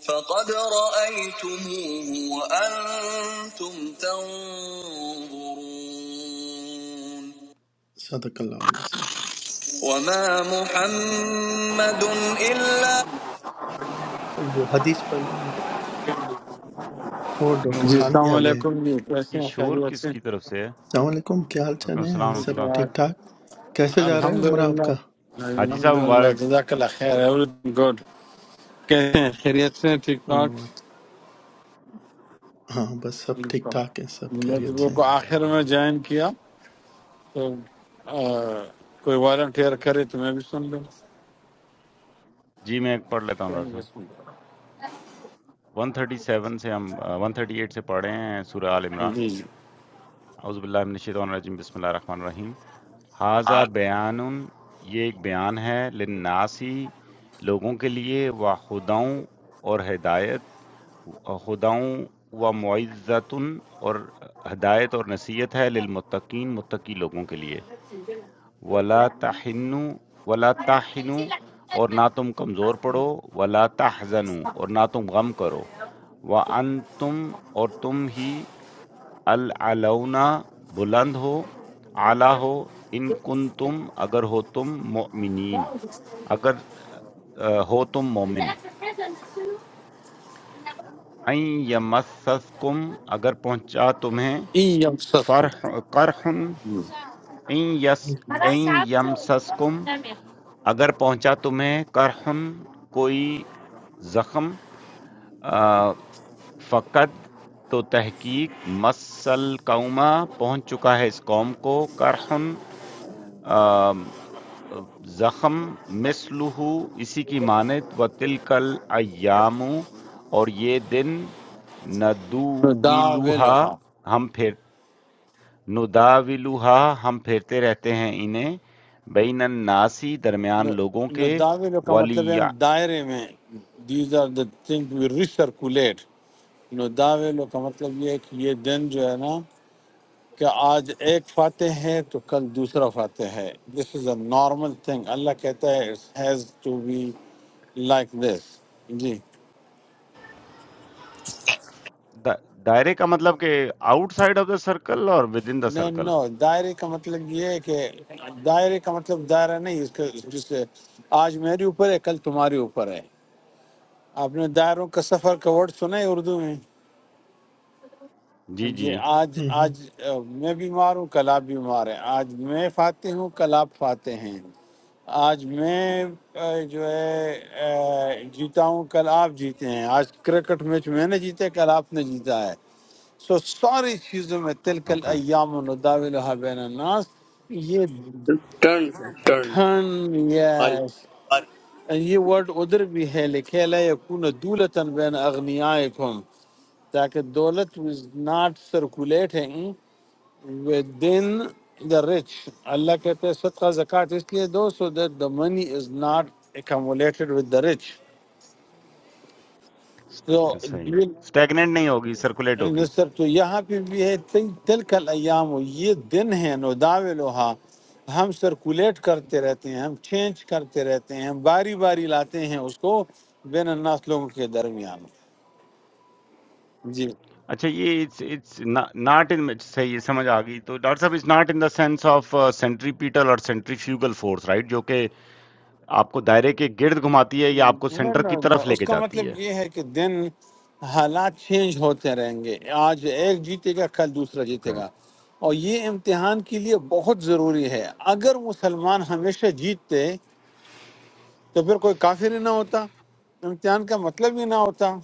S2: فقد رأيتموه وأنتم تنظرون صدق الله العظيم وما محمد إلا वो हदीस पढ़ लें आप और
S1: میں
S2: डॉक्टर
S8: جی
S1: وہی
S2: खान भी
S8: السلام
S2: आ गए
S8: علیکم جی کیسے
S1: یہ
S8: ہیں خیریت
S1: شور کس
S8: سے
S1: کی طرف سے ہے
S2: السلام علیکم کیا حال
S1: وعلیکم
S2: چال
S1: السلام
S2: ہے
S8: ٹھیک
S1: ورحمۃ
S2: سب
S1: اللہ
S8: ٹھاک
S2: ٹھیک ٹھاک کیسے جا رہا ہے
S8: الحمد
S2: عمرہ آپ
S8: للہ
S2: کا
S1: حاجی
S8: الحمد
S1: صاحب
S8: للہ
S1: مبارک
S8: جزاک اللہ خیر ایوری گڈ کیسے ہیں خیریت سے ٹھیک ٹھاک
S2: اوہ، اچھا۔ ہاں بس سب ٹھیک
S8: ٹھیک ہے۔
S2: ٹھاک ہے سب
S8: میں
S2: خیریت
S8: تو
S2: سے
S8: کو
S2: ہیں
S8: آخر میں
S1: ہوں،
S8: جوائن کیا تو آ، کوئی والنٹیئر کرے تو میں بھی سن لوں
S1: جی، میں ایک پڑھ لیتا ہوں
S8: کیا
S1: ڈاکٹر
S8: نہیں
S1: صاحب
S8: سن لوں۔
S1: 137 سے ہم آ، 138 سے پڑھے ہیں سورہ آل عمران
S8: جی
S1: اعوذ باللہ من الشیطان الرجیم بسم اللہ الرحمن الرحیم ھذا
S4: ہاں
S1: بیان یہ ایک بیان ہے للناسی لوگوں کے لیے و خداؤں اور ہدایت خداؤں و معزتن اور ہدایت اور نصیحت ہے للمتقین متقی لوگوں کے لیے ولا تحنو ولا تحنو اور نہ تم کمزور پڑو ولا تحزنو اور نہ تم غم کرو وانتم اور تم ہی العلونا بلند ہو اعلیٰ ہو ان کن تم اگر ہو تم مؤمنین اگر آ، ہو تم مومن این یمسسکم اگر پہنچا تمہیں
S8: جی ایم سس کو
S1: فرح قرحن این یس
S2: ہوں،
S1: این یمسسکم اگر پہنچا تمہیں کرحن کوئی زخم آ، فقد تو تحقیق مسل قوما پہنچ چکا ہے اس قوم کو کرحن آم، زخم مثلہ اسی کی مانت و تلکل ایام اور یہ دن ندوولوہا
S8: نداولوہا
S1: ہم پھر نداولوہا ہم پھیرتے رہتے ہیں انہیں بین الناسی درمیان لوگوں کے
S8: نداولو کا مطلب ہے
S1: ولی
S8: ہم دائرے میں these are the thing we recirculate نو دعوے لو کا مطلب یہ ہے کہ یہ دن جو ہے نا کہ آج ایک فاتح ہے تو کل دوسرا فاتح ہے دس از اے نارمل تھنگ اللہ کہتا ہے it has to be like this جی
S1: دا دائرے کا مطلب کہ outside of the circle اور within the
S8: no
S1: circle
S8: no دائرے کا مطلب یہ ہے کہ دائرے کا مطلب دائرہ نہیں اس کے جسے آج میرے اوپر ہے کل تمہارے اوپر ہے آپ نے دائروں کا سفر کا ورڈ سنا ہے اردو میں
S1: جی
S8: جی
S1: جی
S8: آج
S2: ہوں،
S8: آج آ، میں بیمار ہوں کل آپ بیمار ہیں آج میں فاتح ہوں کل آپ فاتح ہیں آج میں آ، جو ہے آ، جیتا ہوں کل آپ جیتے ہیں آج کرکٹ میچ میں نے جیتا ہے کل آپ نے جیتا ہے سو ساری چیزوں میں تلکل
S1: اوکے
S8: ایام نداولها بین الناس یہ
S9: ٹرن ٹرن
S8: ٹھن
S9: آری
S8: یس
S9: آری
S8: یہ ورڈ ادھر بھی ہے لکھے لا یکون دولتن بین اغنیائکم تاکہ دولت was not circulating within the rich اللہ کہتے ہیں صدقہ زکاة اس لیے دو so that the money is not accumulated with the rich
S1: صحیح
S8: تو
S1: اسٹیگننٹ نہیں ہوگی سرکولیٹ ہوگی
S8: نصر تو یہاں پہ بھی ہے تل کل ایام یہ دن ہے نوداولوہا ہم سرکولیٹ کرتے رہتے ہیں ہم چینج کرتے رہتے ہیں ہم باری باری لاتے ہیں اس کو بین الناس لوگوں کے درمیان جی
S1: اچھا یہ اٹس ناٹ ان صحیح یہ سمجھ آ گئی تو ڈاکٹر صاحب it's not in the sense of centripetal اور سینٹریفیوگل فورس رائٹ جو کہ آپ کو دائرے کے گرد گھماتی ہے یا آپ کو
S8: نہ-
S1: سینٹر کی
S8: نہ- نہ،
S1: طرف لے
S8: اس
S1: کے
S8: کا
S1: جاتی ہے
S8: مطلب یہ ہے کہ دن حالات چینج ہوتے رہیں گے آج ایک جیتے گا کل دوسرا
S1: اوکے
S8: جیتے گا اور یہ امتحان کے لیے بہت ضروری ہے اگر مسلمان ہمیشہ جیتتے تو پھر کوئی کافر ہی نہ ہوتا امتحان کا مطلب ہی نہ ہوتا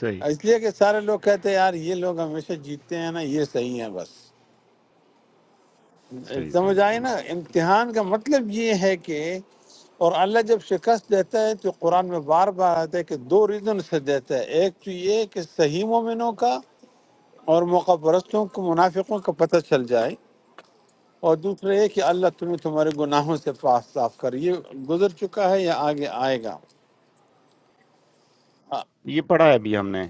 S1: صحیح
S8: اس لیے کہ سارے لوگ کہتے ہیں یار یہ لوگ ہمیشہ جیتتے ہیں نا یہ صحیح ہیں بس
S1: صحیح صحیح
S8: سمجھ آئے
S1: صحیح
S8: نا امتحان کا مطلب یہ ہے کہ اور اللہ جب شکست دیتا ہے تو قرآن میں بار بار آتا ہے کہ دو ریزن سے دیتا ہے ایک تو یہ کہ صحیح مومنوں کا اور موقع پرستوں کو منافقوں کا پتہ چل جائے اور دوسرا یہ کہ اللہ تمہیں تمہارے گناہوں سے پاک صاف کر یہ گزر چکا ہے یا آگے آئے گا
S1: یہ پڑھا ہے ابھی ہم نے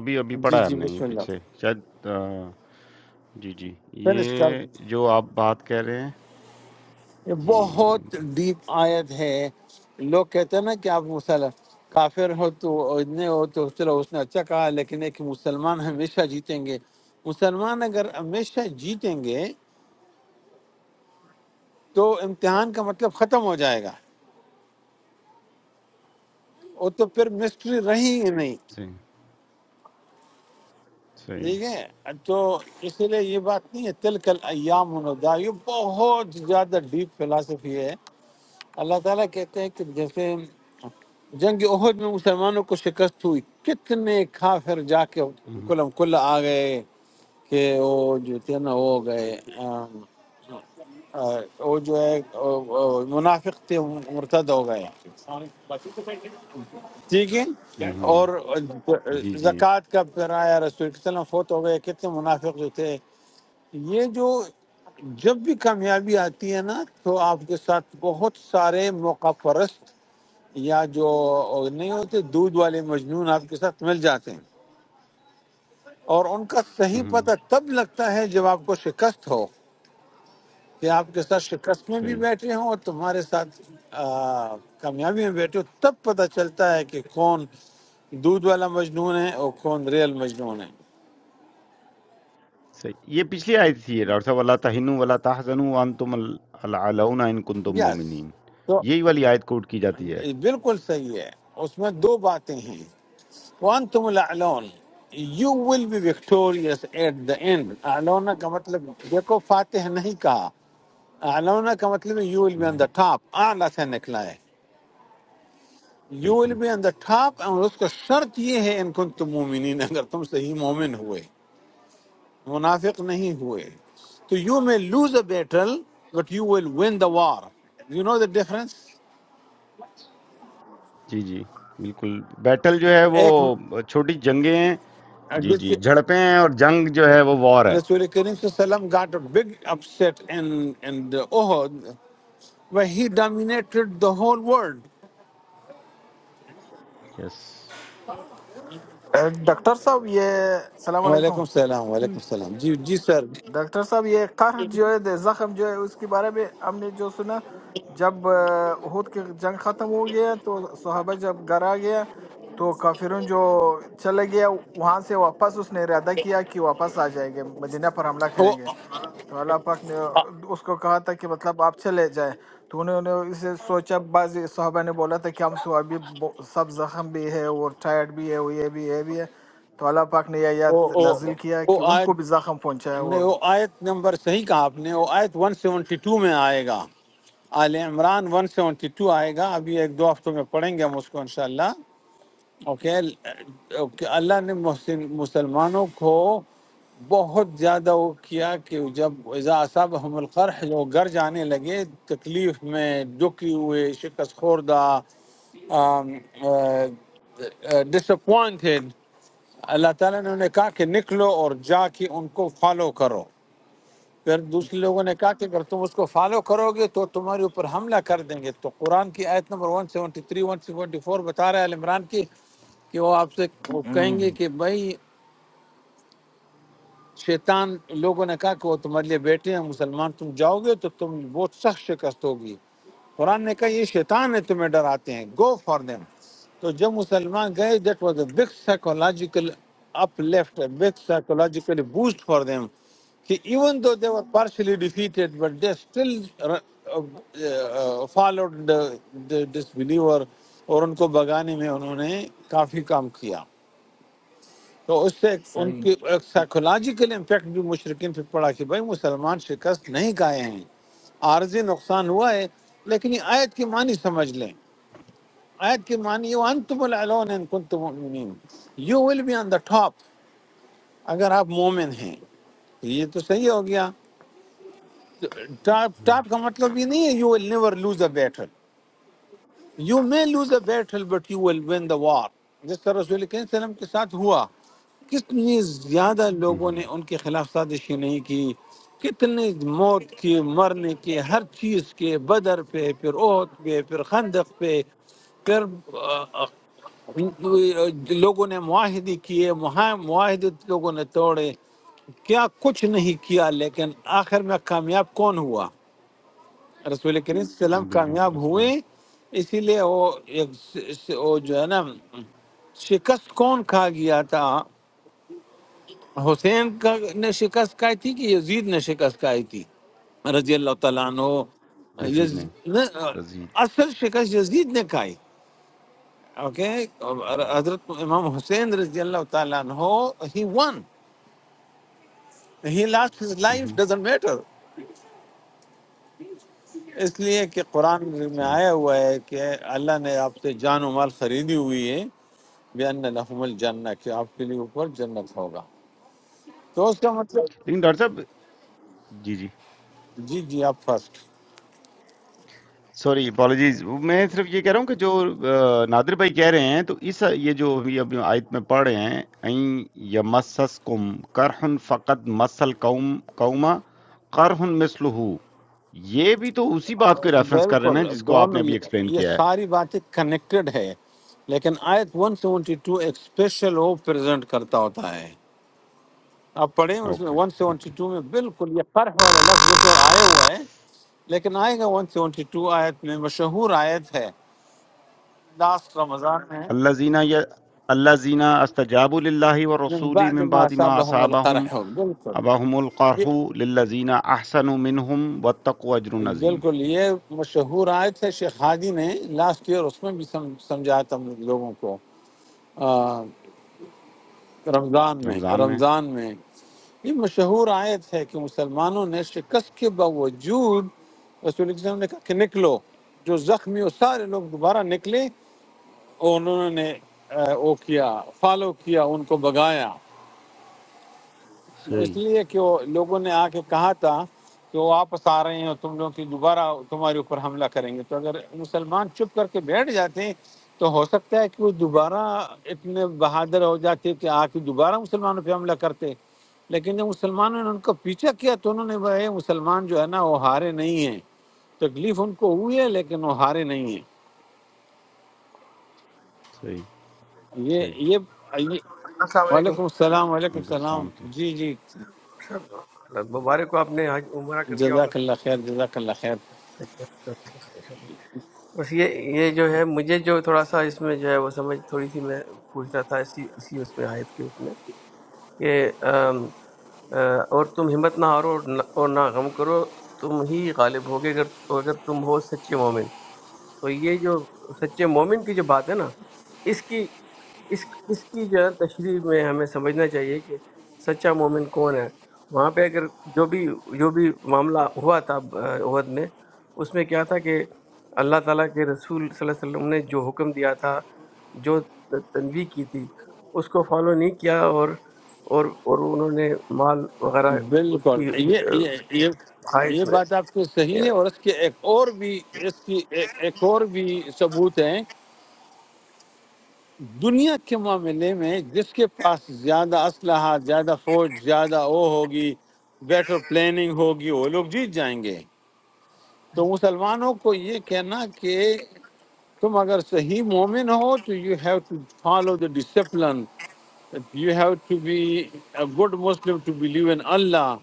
S1: ابھی ابھی
S8: جی
S1: پڑھا ہے
S8: جی
S1: ہم نے یہ
S8: بسم اللہ
S1: پیچھے شاید آ، جی جی
S8: فنش کر
S1: یہ
S8: دیں۔
S1: جو آپ بات کہہ رہے ہیں
S8: یہ
S1: جی،
S8: بہت ڈیپ آیت ہے لوگ کہتے ہیں نا کہ آپ مسلم کافر ہو تو اتنے ہو تو چلو اس نے اچھا کہا لیکن ایک مسلمان ہمیشہ جیتیں گے مسلمان اگر ہمیشہ جیتیں گے تو امتحان کا مطلب ختم ہو جائے گا وہ تو پھر مسٹری رہی ہی نہیں
S1: صحیح، صحیح،
S8: ٹھیک ہے تو اس لیے یہ بات نہیں ہے تلکل ایام الدا یہ بہت زیادہ ڈیپ فلاسفی ہے اللہ تعالیٰ کہتے ہیں کہ جیسے جنگ عہد میں مسلمانوں کو شکست ہوئی کتنے کافر جا کے
S1: اُن ہوں،
S8: کلم کل آ گئے کہ وہ جو تھے نا وہ ہو گئے آم، آ، وہ جو ہے آ، آ، منافق تھے مرتد ہو گئے ٹھیک ہے
S1: اُن ہوں،
S8: اور
S1: جی، جی،
S8: زکوٰۃ کا پرایا رسول کے وسلم فوت ہو گئے کتنے منافق جو تھے یہ جو جب بھی کامیابی آتی ہے نا تو آپ کے ساتھ بہت سارے موقع پرست یا جو نہیں ہوتے دودھ والے مجنون آپ کے ساتھ مل جاتے ہیں اور ان کا
S1: اُن
S8: صحیح
S1: ہوں،
S8: پتہ تب لگتا ہے جب آپ کو شکست ہو کہ آپ کے ساتھ شکست میں بھی
S1: صحیح،
S8: بیٹھے ہوں اور تمہارے ساتھ آ، کامیابی میں بیٹھے ہو تب پتہ چلتا ہے کہ کون دودھ والا مجنون ہے اور کون ریل مجنون ہے
S1: صحیح، یہ پچھلی آیت تھی یہ ڈاکٹر صاحب وَلَا تَهِنُوا وَلَا تَحْزَنُوا وَأَنتُمُ ال الْأَعْلَوْنَ إِن كُنتُم
S8: یس
S1: مُؤْمِنِينَ
S8: تو
S1: یہی والی آیت کوٹ کی جاتی ہے،
S8: بالکل صحیح ہے اس میں دو باتیں ہیں وانتم الاعلون you will be victorious at the end اعلونا کا مطلب دیکھو فاتح نہیں کہا اعلونا کا مطلب you will be
S1: on
S8: on
S1: ہوں،
S8: the ٹاپ اعلیٰ سے نکلا ہے یو ول
S1: بالکل،
S8: بی on the ٹاپ اور اس کا شرط یہ ہے ان کن تم مومنین اگر تم صحیح مومن ہوئے منافق نہیں ہوئے تو you may lose a battle but you will win the war you know the difference
S1: جی، جی، بالکل، بیٹل جو ہے وہ
S8: ایک
S1: چھوٹی جنگیں ہیں، جی،
S8: جس
S1: جی، جھڑپیں ہیں اور جنگ جو ہے وہ وار ہے،
S8: رسول کریم صلی اللہ علیہ وسلم got a big upset in in the Uhud But he dominated the whole world.
S1: Yes,
S3: ah, doctor صاحب یہ السلام علیکم
S8: وعلیکم السلام وعلیکم السلام جی جی سر
S3: ڈاکٹر صاحب یہ قرح جو ہے دے- زخم جو ہے اس کے بارے میں ہم نے جو سنا جب آہ، احد کی جنگ ختم ہو گیا تو صحابہ جب گھر آ گیا تو کافرون جو چلے گیا وہاں سے واپس اس نے ارادہ کیا کہ واپس آ جائیں گے مدینہ پر حملہ
S8: وہ
S3: کریں گے تو اللہ پاک نے اس کو کہا تھا کہ مطلب آپ چلے جائیں تو انہوں نے اسے سوچا بعض صحابہ نے بولا تھا کہ ہم تو ابھی بو- سب زخم بھی ہے اور ٹائرڈ بھی ہے وہ یہ بھی ہے یہ بھی ہے تو اللہ پاک نے یہ آیات نازل کیا
S8: وہ
S3: کہ ان
S8: آیت
S3: کو بھی زخم پہنچایا
S8: نہیں
S3: اور
S8: وہ آیت نمبر صحیح کہا آپ نے وہ آیت 172 میں آئے گا آل عمران 172 آئے گا ابھی ایک دو ہفتوں میں پڑھیں گے ہم اس کو انشاءاللہ اوکے اوکے، اللہ نے محسن مسلمانوں کو بہت زیادہ وہ کیا کہ جب اذا ہم القرح جو گھر جانے لگے تکلیف میں دکھی ہوئے شکست خوردہ ڈس اپوائنٹڈ اللہ تعالیٰ نے انہیں کہا کہ نکلو اور جا کے ان کو فالو کرو پھر دوسرے لوگوں نے کہا کہ اگر تم اس کو فالو کرو گے تو تمہارے اوپر حملہ کر دیں گے تو قرآن کی آیت نمبر 173 174 بتا رہا ہے عمران کی کہ وہ آپ سے وہ کہیں
S3: ہوں،
S8: گے کہ بھائی شیطان لوگوں نے کہا کہ وہ تمہارے لیے بیٹے ہیں مسلمان تم جاؤ گے تو تم بہت سخت شکست ہوگی قرآن نے کہا یہ شیطان ہے تمہیں ڈراتے ہیں گو فار دیم تو جب مسلمان گئے that was a big psychological uplift big psychological boost for them کہ even though they were partially defeated but they still followed this believer اور ان کو بگانے میں انہوں نے کافی کام کیا تو اس سے ایک- ان
S3: صحیح
S8: کی ایک
S1: جی،
S8: سائیکولوجیکل امپیکٹ بھی مشرقین پہ پڑا کہ بھائی مسلمان شکست نہیں کھائے ہیں عارضی نقصان ہوا ہے لیکن یہ آیت کی معنی سمجھ لیں آیت کی معنی یہ انتم العلون ان کنتم مؤمنین you will be on the top اگر آپ مومن ہیں یہ تو صحیح ہو گیا ٹاپ
S1: ہوں،
S8: ٹاپ کا مطلب یہ نہیں ہے you will never lose a battle you may lose a battle but you will win the war جس طرح رسول کریم صلی اللہ علیہ وسلم کے ساتھ ہوا کتنی زیادہ
S1: اُن
S8: لوگوں نے
S1: ہوں،
S8: ان کے خلاف سازشیں نہیں کی کتنے موت کی مرنے کی ہر چیز کے بدر پہ پھر اوت پہ پھر خندق پہ پھر آ، آ، لوگوں نے معاہدے کیے مہا- معاہدے لوگوں نے توڑے کیا کچھ نہیں کیا لیکن آخر میں کامیاب کون ہوا رسول کریم صلی اللہ علیہ وسلم
S1: نبی کریم صلی
S8: کامیاب
S1: اللہ علیہ
S8: ہوئے
S1: وسلم
S8: اسی لیے وہ ایک س- وہ جو ہے نا شکست کون کھا گیا تھا حسین کا نے شکست کھائی تھی کہ یزید نے شکست کھائی تھی رضی اللہ تعالیٰ عنہ
S1: یزید نے،
S8: یز... نہ-
S1: یزید
S8: اصل شکست یزید نے کھائی اوکے
S1: اُن ہوں۔
S8: حضرت امام حسین رضی اللہ تعالیٰ عنہ he won he lost his
S1: own
S8: life
S1: ہوں،
S8: ڈزنٹ میٹر اس لیے کہ قرآن میں
S1: صحیح،
S8: آیا ہوا ہے کہ اللہ نے آپ سے جان و مال خریدی ہوئی ہے بین لحم الجنہ کہ آپ کے لیے اوپر جنت ہوگا تو اس کا مطلب
S1: لیکن ڈاکٹر صاحب جی، جی
S8: جی جی آپ فرسٹ
S1: سوری اپالوجیز میں صرف یہ کہہ رہا ہوں کہ جو آ، نادر بھائی کہہ رہے ہیں تو اس یہ جو ابھی ابھی آیت میں پڑھ رہے ہیں این یمسسکم کرہن فقد مسل قوم قوما کرہن مثلہ یہ بھی تو اسی بات کو ریفرنس کر رہے
S8: بالکل
S1: ہیں جس کو آپ نے
S8: دونوں
S1: ابھی
S8: یہ
S1: ایکسپلین
S8: یہ
S1: کیا ہے
S8: ساری باتیں کنیکٹڈ ہے لیکن آیت 172 ایک اسپیشل او پریزنٹ کرتا ہوتا ہے آپ پڑھیں اس میں
S1: اوکے اوکے
S8: 172 میں بالکل یہ قرح والا لفظ اس پر آیا ہوا ہے لیکن آئے گا 172 آیت میں مشہور آیت ہے لاسٹ رمضان میں
S1: اللہ زینہ یا اللہ زینہ استجاب للہ و
S8: من
S1: رسول
S8: بعد
S1: من
S8: ما
S1: بعد ما
S8: اصابهم
S1: اصابہم
S8: القرح بالکل
S1: اباہم
S8: یہ
S1: القرح للذین احسنوا منہم واتقوا اجر عظیم
S8: بالکل یہ مشہور آیت ہے شیخ ہادی نے لاسٹ ایئر اس میں بھی سم- سمجھایا تھا ہم لوگوں کو آ، رمضان میں
S1: رمضان میں
S8: رمضان میں یہ مشہور آیت ہے کہ مسلمانوں نے شکست کے باوجود رسول اکرم صلی اللہ علیہ وسلم نے کہا کہ نکلو جو زخمی ہو سارے لوگ دوبارہ نکلے اور انہوں نے آ، وہ کیا فالو کیا ان کو بگایا اس
S1: صحیح
S8: لیے کہ وہ لوگوں نے آ کے کہا تھا کہ وہ واپس آ رہے ہیں اور تم لوگ کی دوبارہ تمہارے اوپر حملہ کریں گے تو اگر مسلمان چپ کر کے بیٹھ جاتے ہیں تو ہو سکتا ہے کہ وہ دوبارہ اتنے بہادر ہو جاتے کہ آ کے دوبارہ مسلمانوں پہ حملہ کرتے لیکن جب مسلمانوں نے ان کا پیچھا کیا تو انہوں نے بھائی یہ مسلمان جو ہے نا وہ ہارے نہیں ہیں تکلیف ان کو ہوئی ہے لیکن وہ ہارے نہیں ہیں
S1: صحیح
S8: یہ
S1: صحیح،
S8: یہ یہ-
S9: السلام علیکم
S8: وعلیکم السلام وعلیکم
S1: وعلیکم
S8: السلام
S1: السلام ورحمۃ
S8: جی جی
S9: سب مبارک ہو آپ نے آج عمرہ کر لیا ہوگا
S8: جزاک اللہ خیر جزاک اللہ خیر
S9: بس یہ یہ جو ہے مجھے جو تھوڑا سا اس میں جو ہے وہ سمجھ تھوڑی سی میں پوچھنا تھا اسی اسی اس میں آیت کے اس میں کہ ام، آ، اور تم ہمت نہ ہارو اور نہ اور نہ غم کرو تم ہی غالب ہوگے اگر اگر تم ہو سچے مومن تو یہ جو سچے مومن کی جو بات ہے نا اس کی اس اس کی جو ہے تشریح میں ہمیں سمجھنا چاہیے کہ سچا مومن کون ہے وہاں پہ اگر جو بھی جو بھی معاملہ ہوا تھا آ، احد میں اس میں کیا تھا کہ اللہ تعالیٰ کے رسول صلی اللہ علیہ وسلم نے جو حکم دیا تھا جو تنویح کی تھی اس کو فالو نہیں کیا اور اور اور انہوں نے مال وغیرہ اس
S8: بالکل
S9: کی
S8: یہ
S9: آ،
S8: یہ
S9: اس کی
S8: یہ
S9: خواہش
S8: یہ بات
S9: میں
S8: آپ کی صحیح ہے اور اس کے ایک اور بھی اس کی ایک ایک اور بھی ثبوت ہیں دنیا کے معاملے میں جس کے پاس زیادہ اسلحہ زیادہ فوج زیادہ وہ ہوگی بیٹر پلاننگ ہوگی وہ لوگ جیت جائیں گے تو مسلمانوں کو یہ کہنا کہ تم اگر صحیح مومن ہو تو you have to follow the discipline you have to be a good Muslim to believe in Allah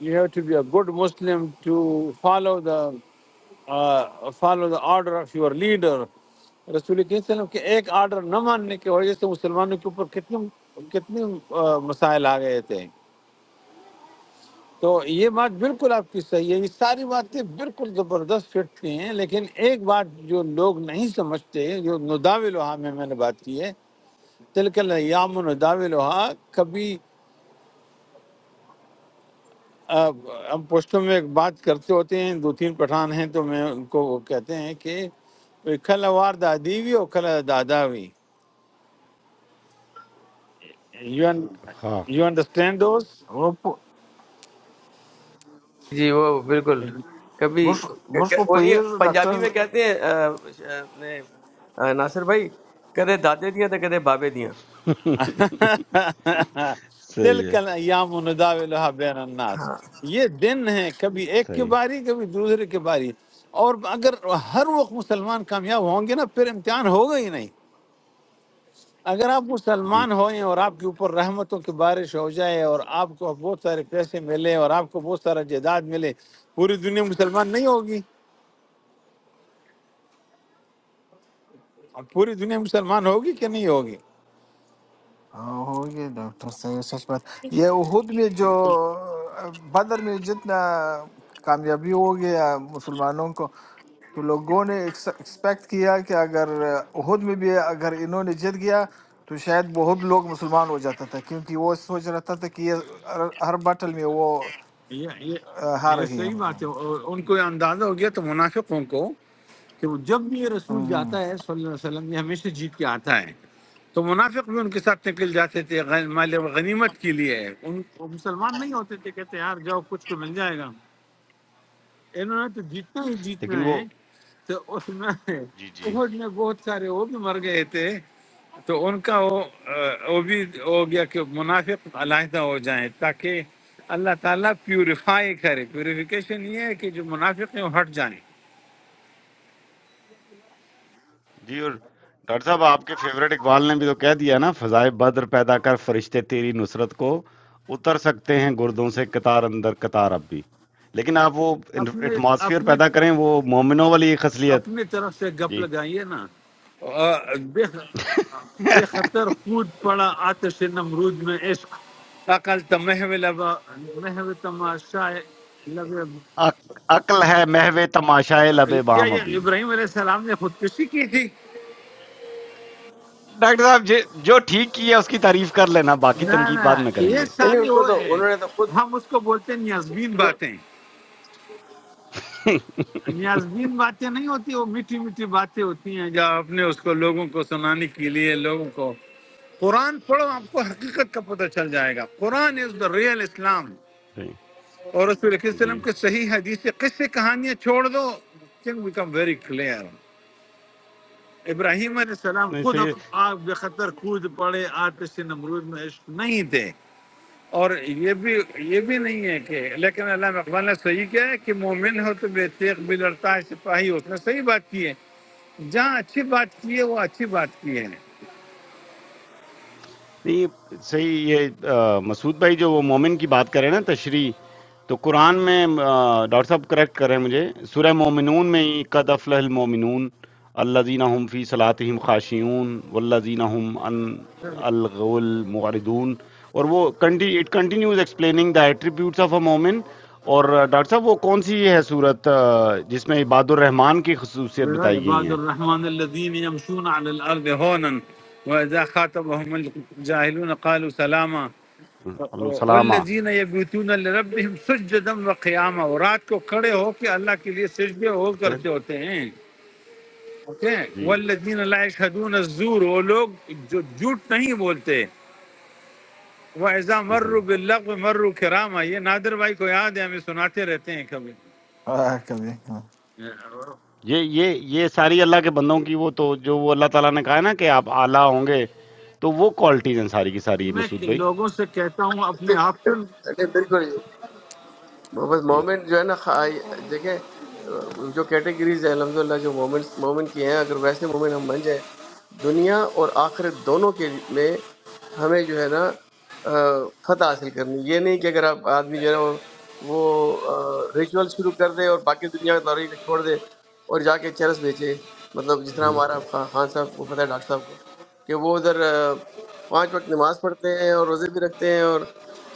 S8: you have to be a good Muslim to follow the follow the order of your leader رسول کریم صلی اللہ علیہ وسلم کے ایک order نہ ماننے کی وجہ سے مسلمانوں کے اوپر کتنے کتنے آ، مسائل آ گئے تھے تو یہ بات بالکل آپ کی صحیح ہے یہ ساری باتیں بالکل زبردست فٹ کی ہیں لیکن ایک بات جو لوگ نہیں سمجھتے جو نداوی لوہا میں میں نے بات کی ہے تلک الیام نداوی لوہا کبھی آ، ہم پوسٹوں میں ایک بات کرتے ہوتے ہیں دو تین پٹھان ہیں تو میں ان کو وہ کہتے ہیں کہ کھل وار دادیوی اور کھل داداوی
S1: اللہ ہاں
S8: یو انڈرسٹینڈ دوز
S3: وہ پ-
S9: جی وہ بالکل کبھی
S3: بش بش کو
S9: وہ یہ
S3: پیر ڈاکٹر
S9: پنجابی میں کہتے ہیں آ، اپنے آ، ناصر بھائی کدے دادے دیاں تو کدے بابے دیاں
S1: صحیح
S8: تلک
S1: ہے،
S8: ایام نداولها بین الناس
S9: ہاں
S8: یہ دن ہیں کبھی ایک کی
S1: صحیح
S8: باری کبھی دوسرے کی باری اور اگر ہر وقت مسلمان کامیاب ہوں گے نا پھر امتحان ہوگا ہی نہیں اگر آپ
S1: جی،
S8: مسلمان ہوئیں اور آپ کے اوپر رحمتوں کی بارش ہو جائے اور آپ کو بہت سارے پیسے ملے اور آپ کو بہت سارا جائیداد ملے پوری دنیا مسلمان نہیں ہوگی پوری دنیا مسلمان ہوگی کہ نہیں ہوگی
S3: ہاں، ہو گئے ڈاکٹر صحیح سچ بات یہ احد میں جو بدر میں جتنا کامیابی ہو گیا مسلمانوں کو تو لوگوں نے ایکسپیکٹ کیا کہ اگر احد میں بھی اگر انہوں نے جیت گیا تو شاید بہت لوگ مسلمان ہو جاتا تھا کیونکہ وہ سوچ رہتا تھا کہ یہ ہر ہر بٹل میں وہ
S8: یہ یہ
S3: آ، ہار
S8: یہ
S3: رہی ہے
S8: صحیح بات
S3: مطلب
S8: ہے اور ان کو یہ اندازہ ہو گیا تو منافقوں کو کہ وہ جب بھی یہ رسول
S3: ہوں،
S8: جاتا ہے صلی اللہ علیہ وسلم یہ ہمیشہ جیت کے آتا ہے تو منافق بھی ان کے ساتھ نکل جاتے تھے غن- مال غنیمت کے لیے ان وہ مسلمان نہیں ہوتے تھے کہتے یار جاؤ کچھ تو مل جائے گا انہوں نے تو جیتنا ہی
S1: لیکن
S8: جیتنا
S1: وہ
S8: ہے تو اس میں
S1: جی، جی،
S8: احد میں بہت سارے وہ بھی مر گئے تھے تو ان کا وہ آ، وہ بھی ہو گیا کہ منافق علیحدہ ہو جائیں تاکہ اللہ تعالیٰ پیوریفائی کرے پیوریفیکیشن یہ ہے کہ جو منافق ہیں وہ ہٹ جائیں
S1: جی اور ڈاکٹر صاحب آپ کے فیورٹ اقبال نے بھی تو کہہ دیا نا فضائے بدر پیدا کر فرشتے تیری نصرت کو اتر سکتے ہیں گردوں سے قطار اندر قطار اب بھی لیکن آپ وہ
S8: اپنے
S1: ایٹماسفیئر
S8: اپنے
S1: پیدا کریں وہ مومنوں والی خصلیت
S8: اپنے طرف سے گپ
S1: جی
S8: لگائیے نا آ، بے بے خطر کود پڑا آتش نمرود میں عشق عقل تمہو لبا محو تماشا
S1: عق- عقل ہے محو تماشائے لب
S8: کیا
S1: بام
S8: یہ
S1: ابھی
S8: ابراہیم علیہ السلام نے خودکشی کی تھی
S1: ڈاکٹر صاحب جی- جو ٹھیک کیا اس کی تعریف کر لینا باقی
S8: نہ
S1: تنقید
S8: نہ
S1: بعد میں کریں
S8: یہ
S1: گے
S9: نہیں نہیں
S8: ساری
S9: ان کو
S8: وہ
S9: تو
S8: ہے
S9: انہوں نے تو خود
S8: ہم اس کو بولتے ہیں نیازبین
S9: انہوں-
S8: باتیں نیازبین باتیں نہیں ہوتی وہ میٹھی میٹھی باتیں ہوتی ہیں جو آپ نے اس کو لوگوں کو سنانے کے لیے لوگوں کو قرآن پڑھو آپ کو حقیقت کا پتہ چل جائے گا قرآن از دا ریئل اسلام اور رسول اللہ صلی اللہ علیہ وسلم
S1: جی،
S8: کے صحیح حدیث قصے کہانیاں چھوڑ دو thing become very clear Ibrahim علیہ السلام
S1: نہیں
S8: خود
S1: صحیح
S8: اپ
S1: ہے،
S8: آگ بے خطر کود پڑے آتش نمرود میں عشق نہیں تھے اور یہ بھی یہ بھی نہیں ہے کہ لیکن علامہ اقبال نے صحیح کیا ہے کہ مومن ہو تو بے تیغ بھی لڑتا ہے سپاہی ہو اس نے صحیح بات کی ہے جہاں اچھی بات کی ہے وہ اچھی بات کی ہے
S1: نہیں صحیح یہ آ، مسعود بھائی جو وہ مومن کی بات کر رہے ہیں نا تشریح، تو قرآن میں آ، ڈاکٹر صاحب کریکٹ کر رہے ہیں مجھے، سورہ مومنون میں ہی قد افلح المومنون الذین هم فی صلاتہم خاشعون والذین هم عن الغو معرضون اور وہ it continues explaining the attributes of a مومن اور آ، ڈاکٹر صاحب وہ کون سی ہے صورت آ، جس میں عباد الرحمن کی خصوصیت بتائی گئی
S8: عباد
S1: ہیں
S8: الرحمن الذين يمشون على الارض هونا واذا خاطبهم الجاهلون قالوا سلاما
S1: اللہ سلامہ
S8: والذین یبیتون لربہم سجدا وقیاما اور رات کو کھڑے ہو کے اللہ کے لیے سجدے ہو کرتے ہوتے ہیں اوکے
S1: جی
S8: والذین لا یشهدون الزور وہ لوگ جو جھوٹ نہیں بولتے وہ ایزا
S1: ہوں
S8: مرو باللغو مرو کراما یہ نادر بھائی کو یاد ہے ہمیں سناتے رہتے ہیں کبھی
S3: آ، کبھی
S1: یہ یہ یہ ساری اللہ کے بندوں کی وہ تو جو وہ اللہ تعالیٰ نے کہا ہے نا کہ آپ اعلیٰ ہوں گے تو وہ کوالٹیز ہیں ساری کی ساری
S8: میں
S1: مسعود بھائی
S8: لوگوں سے کہتا ہوں اپنے آپ پر
S9: جی، بالکل وہ بس
S1: جی
S9: مومن جو ہے نا خا- دیکھیں جو کیٹیگریز ہیں الحمدللہ جو مومن مومن کی ہیں اگر ویسے مومن ہم بن جائیں دنیا اور آخرت دونوں کے میں ہمیں جو ہے نا آ، فتح حاصل کرنی ہے۔ یہ نہیں کہ اگر آپ آدمی جو ہے نا وہ وہ ریچول شروع کر دے اور باقی دنیا کا دورہ کو چھوڑ دے اور جا کے چرس بیچے مطلب جس طرح
S1: ہم،
S9: ہمارا خان خان صاحب کو پتہ ہے ڈاکٹر صاحب کو کہ وہ ادھر آ، پانچ وقت نماز پڑھتے ہیں اور روزے بھی رکھتے ہیں اور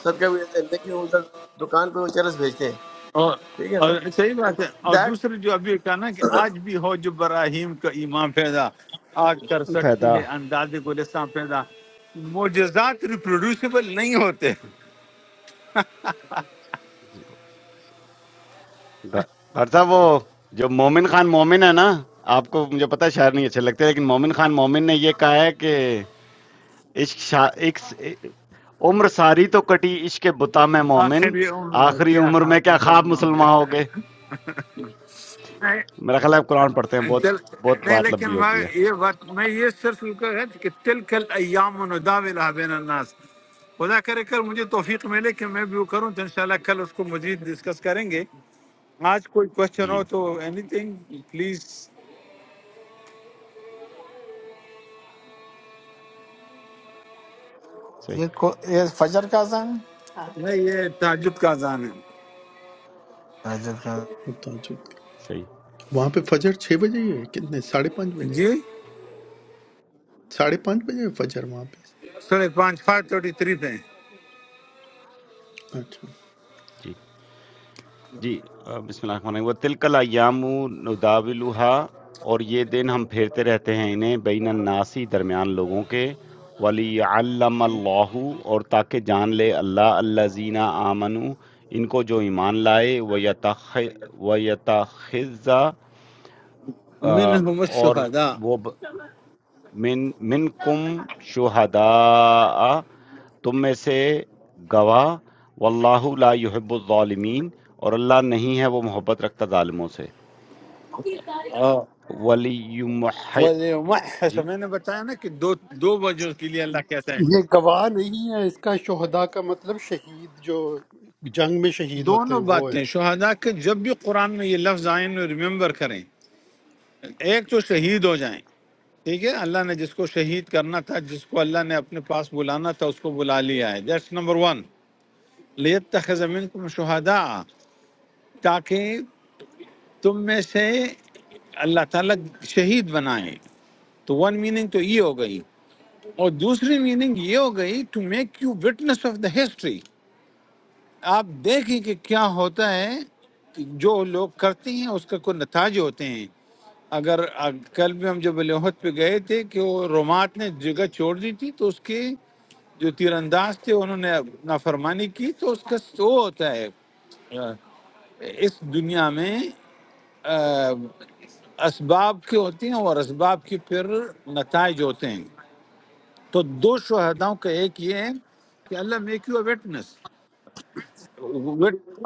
S9: صدقہ بھی دیتے ہیں لیکن وہ ادھر دکان پہ وہ چرس بھیجتے ہیں
S8: اور
S9: ٹھیک ہے نا
S8: اور صحیح
S9: تو
S8: بات ہے اور
S9: دیٹ
S8: دوسرے جو ابھی کہا نا کہ آج بھی ہو جو براہیم کا ایمان پیدا آج کر سکتی
S1: پیدا
S8: ہے انداز گلستان پیدا معجزات ریپروڈیوسیبل نہیں ہوتے
S1: جی۔ دا- ڈاکٹر صاحب وہ جو مومن خان مومن ہے نا آپ کو مجھے پتا ہے شاعر نہیں اچھے لگتے لیکن مومن خان مومن نے یہ کہا ہے کہ عشق شا- عشق- عمر ساری تو کٹی عشق کے بتا میں مومن
S8: آخر یہ ان
S1: آخری
S8: کیا
S1: عمر
S8: خاک
S1: میں کیا خواب
S8: مسلمان ہوں
S1: مسلمان ہو گئے
S8: گے
S1: میرا خیال ہے آپ قرآن پڑھتے ہیں بہت
S8: دل...
S1: بہت
S8: نہیں
S1: بات لمبی
S8: لیکن
S1: ہو
S8: میں
S1: گئی ہے
S8: یہ بات میں یہ صرف یوں کہہ رہا تھا کہ تلکل ایام نداولها بین الناس خدا کرے کر مجھے توفیق ملے کہ میں بھی وہ کروں تو انشاءاللہ کل اس کو مزید ڈسکس کریں گے آج کوئی کوشچن
S1: جی
S8: ہو تو اینی تھنگ پلیز
S1: صحیح
S3: یہ کو یہ فجر کا اذان ہے
S8: نہیں یہ تعجب کا اذان ہے
S3: فجر کا
S2: وہ تعجب کا۔
S1: صحیح
S2: وہاں پہ فجر چھ بجے ہی ہے کتنے ساڑھے پانچ بجے
S8: جی
S2: ساڑھے پانچ بجے ہے فجر وہاں پہ
S8: سورہ پانچ فائیو تھرٹی تھری پہ
S2: اچھا
S1: جی جی آ، بسم اللہ الرحمن الرحیم وَتِلْكَ الْأَيَّامُ نُدَاوِلُهَا اور یہ دن ہم پھیرتے رہتے ہیں انہیں بین الناسی درمیان لوگوں کے وَلِيَعَلَّمَ اللَّهُ اور تاکہ جان لے اللہ الَّذِينَ آمَنُوا ان کو جو ایمان لائے وَيَتَخِ- وَيَتَخِذَ آ،
S8: منہم
S1: اور
S8: الشہداء
S1: وہ ب- من منکم شہداء تم میں سے گواہ واللہ لا یحب الظالمین اور اللہ نہیں ہے وہ محبت رکھتا ظالموں سے
S8: اور
S1: ولی محِ
S8: وَلْيُمَحِّص
S1: جی
S8: میں نے بتایا نا کہ دو دو وجہ کے لیے اللہ کہتا ہے
S7: یہ گواہ نہیں ہے اس کا شہداء کا مطلب شہید جو جنگ میں شہید ہوتے
S8: دونوں
S7: ہیں وہ ہے
S8: باتیں شہداء کے جب بھی قرآن میں یہ لفظ آئیں میں ریممبر کریں ایک تو شہید ہو جائیں ٹھیک ہے اللہ نے جس کو شہید کرنا تھا جس کو اللہ نے اپنے پاس بلانا تھا اس کو بلا لیا ہے دیٹس نمبر ون لیت تخمین تم شہداء تاکہ تم میں سے اللہ تعالیٰ شہید بنائے تو ون میننگ تو یہ ہو گئی اور دوسری میننگ یہ ہو گئی to make you witness of the history آپ دیکھیں کہ کیا ہوتا ہے جو لوگ کرتے ہیں اس کا کوئی نتائج ہوتے ہیں اگر اگ- کل بھی ہم جب لوہت پہ گئے تھے کہ وہ رومات نے جگہ چھوڑ دی تھی تو اس کے جو تیر انداز تھے انہوں نے نافرمانی کی تو اس کا سو ہوتا ہے آ، اس دنیا میں آ، اسباب کے ہوتے ہیں اور اسباب کے پھر نتائج ہوتے ہیں تو دو شہداؤں کا ایک یہ ہے کہ Allah make you a witness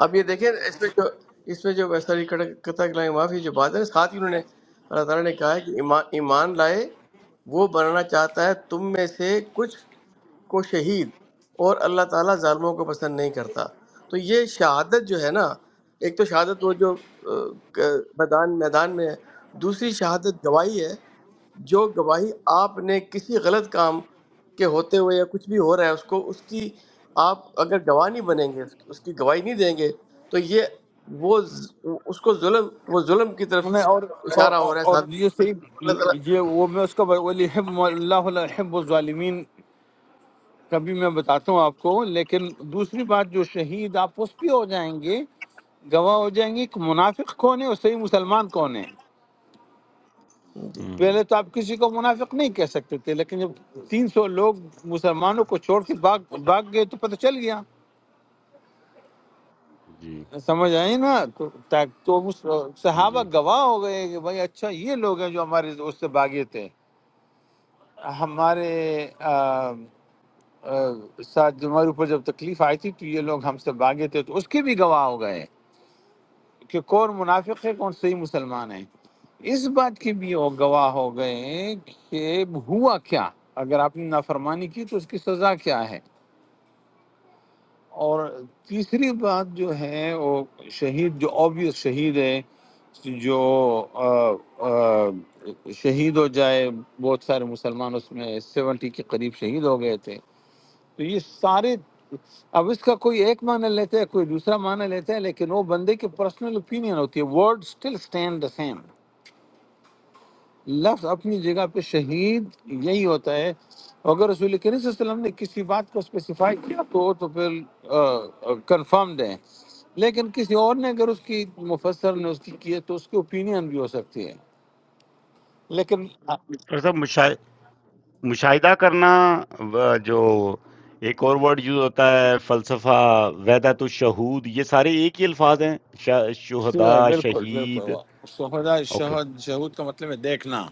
S9: اب یہ دیکھیں اس میں جو اس میں جو ویسا قطع لائے معافی جو بات ہے ساتھ ہی انہوں نے اللہ تعالیٰ نے کہا ہے کہ ایمان ایمان لائے وہ بنانا چاہتا ہے تم میں سے کچھ کو شہید اور اللہ تعالیٰ ظالموں کو پسند نہیں کرتا تو یہ شہادت جو ہے نا ایک تو شہادت وہ جو آ، میدان میدان میں ہے دوسری شہادت گواہی ہے جو گواہی آپ نے کسی غلط کام کے ہوتے ہوئے یا کچھ بھی ہو رہا ہے اس کو اس کی آپ اگر گواہ نہیں بنیں گے اس اس کی گواہی نہیں دیں گے تو یہ وہ ز- اس کو ظلم وہ ظلم کی طرف
S8: میں اور اور
S9: اشارہ ہو
S8: اور-
S9: رہا ہے
S8: اور
S9: ساتھ میں۔
S8: یہ صحیح
S9: اللہ تعالیٰ
S8: یہ وہ میں اس کا ولی حب اللہ لا یحب الظالمین کبھی میں بتاتا ہوں آپ کو لیکن دوسری بات جو شہید آپ اس پہ ہو جائیں گے گواہ ہو جائیں گے کہ منافق کون ہے اور صحیح مسلمان کون ہے
S9: جی
S1: ہوں،
S8: پہلے تو آپ کسی کو منافق نہیں کہہ سکتے تھے لیکن جب تین سو لوگ مسلمانوں کو چھوڑ کے بھاگ بھاگ گئے تو پتہ چل گیا
S1: جی
S8: سمجھ آئی نا تو تا- تو اس-
S1: جی
S8: صحابہ
S1: جی
S8: گواہ ہو گئے کہ بھائی اچھا یہ لوگ ہیں جو ہمارے اس سے بھاگے تھے ہمارے آ، آ، ساتھ جو ہمارے اوپر جب تکلیف آئی تھی تو یہ لوگ ہم سے بھاگے تھے تو اس کے بھی گواہ ہو گئے کہ کون منافق ہے کون صحیح مسلمان ہے اس بات کے بھی وہ گواہ ہو گئے کہ ہوا کیا اگر آپ نے نافرمانی کی تو اس کی سزا کیا ہے اور تیسری بات جو ہے وہ شہید جو اوبیس شہید ہے جو آ، آ، شہید ہو جائے بہت سارے مسلمان اس میں سیونٹی کے قریب شہید ہو گئے تھے تو یہ سارے اب اس کا کوئی ایک معنی لیتے ہیں کوئی دوسرا معنی لیتے ہیں لیکن وہ بندے کی پرسنل اوپینین ہوتی ہے word still stand the same لفظ اپنی جگہ پہ شہید یہی ہوتا ہے اگر رسول کریم صلی اللہ علیہ وسلم نے کسی بات کو اسپیسیفائی کیا تو وہ تو پھر کنفرمڈ ہے لیکن کسی اور نے اگر اس کی مفسر نے اس کی کی ہے تو اس کی اوپینین بھی ہو سکتی ہے لیکن
S1: ڈاکٹر صاحب مشاہ- مشاہدہ کرنا و- جو ایک اور ورڈ یوز ہوتا ہے فلسفہ ویدت الشہود یہ سارے ایک ہی الفاظ ہیں شا- شہداء
S8: بالکل
S1: شہید
S8: بالکل شہدا
S1: اوکے
S8: شہد شہود کا مطلب ہے دیکھنا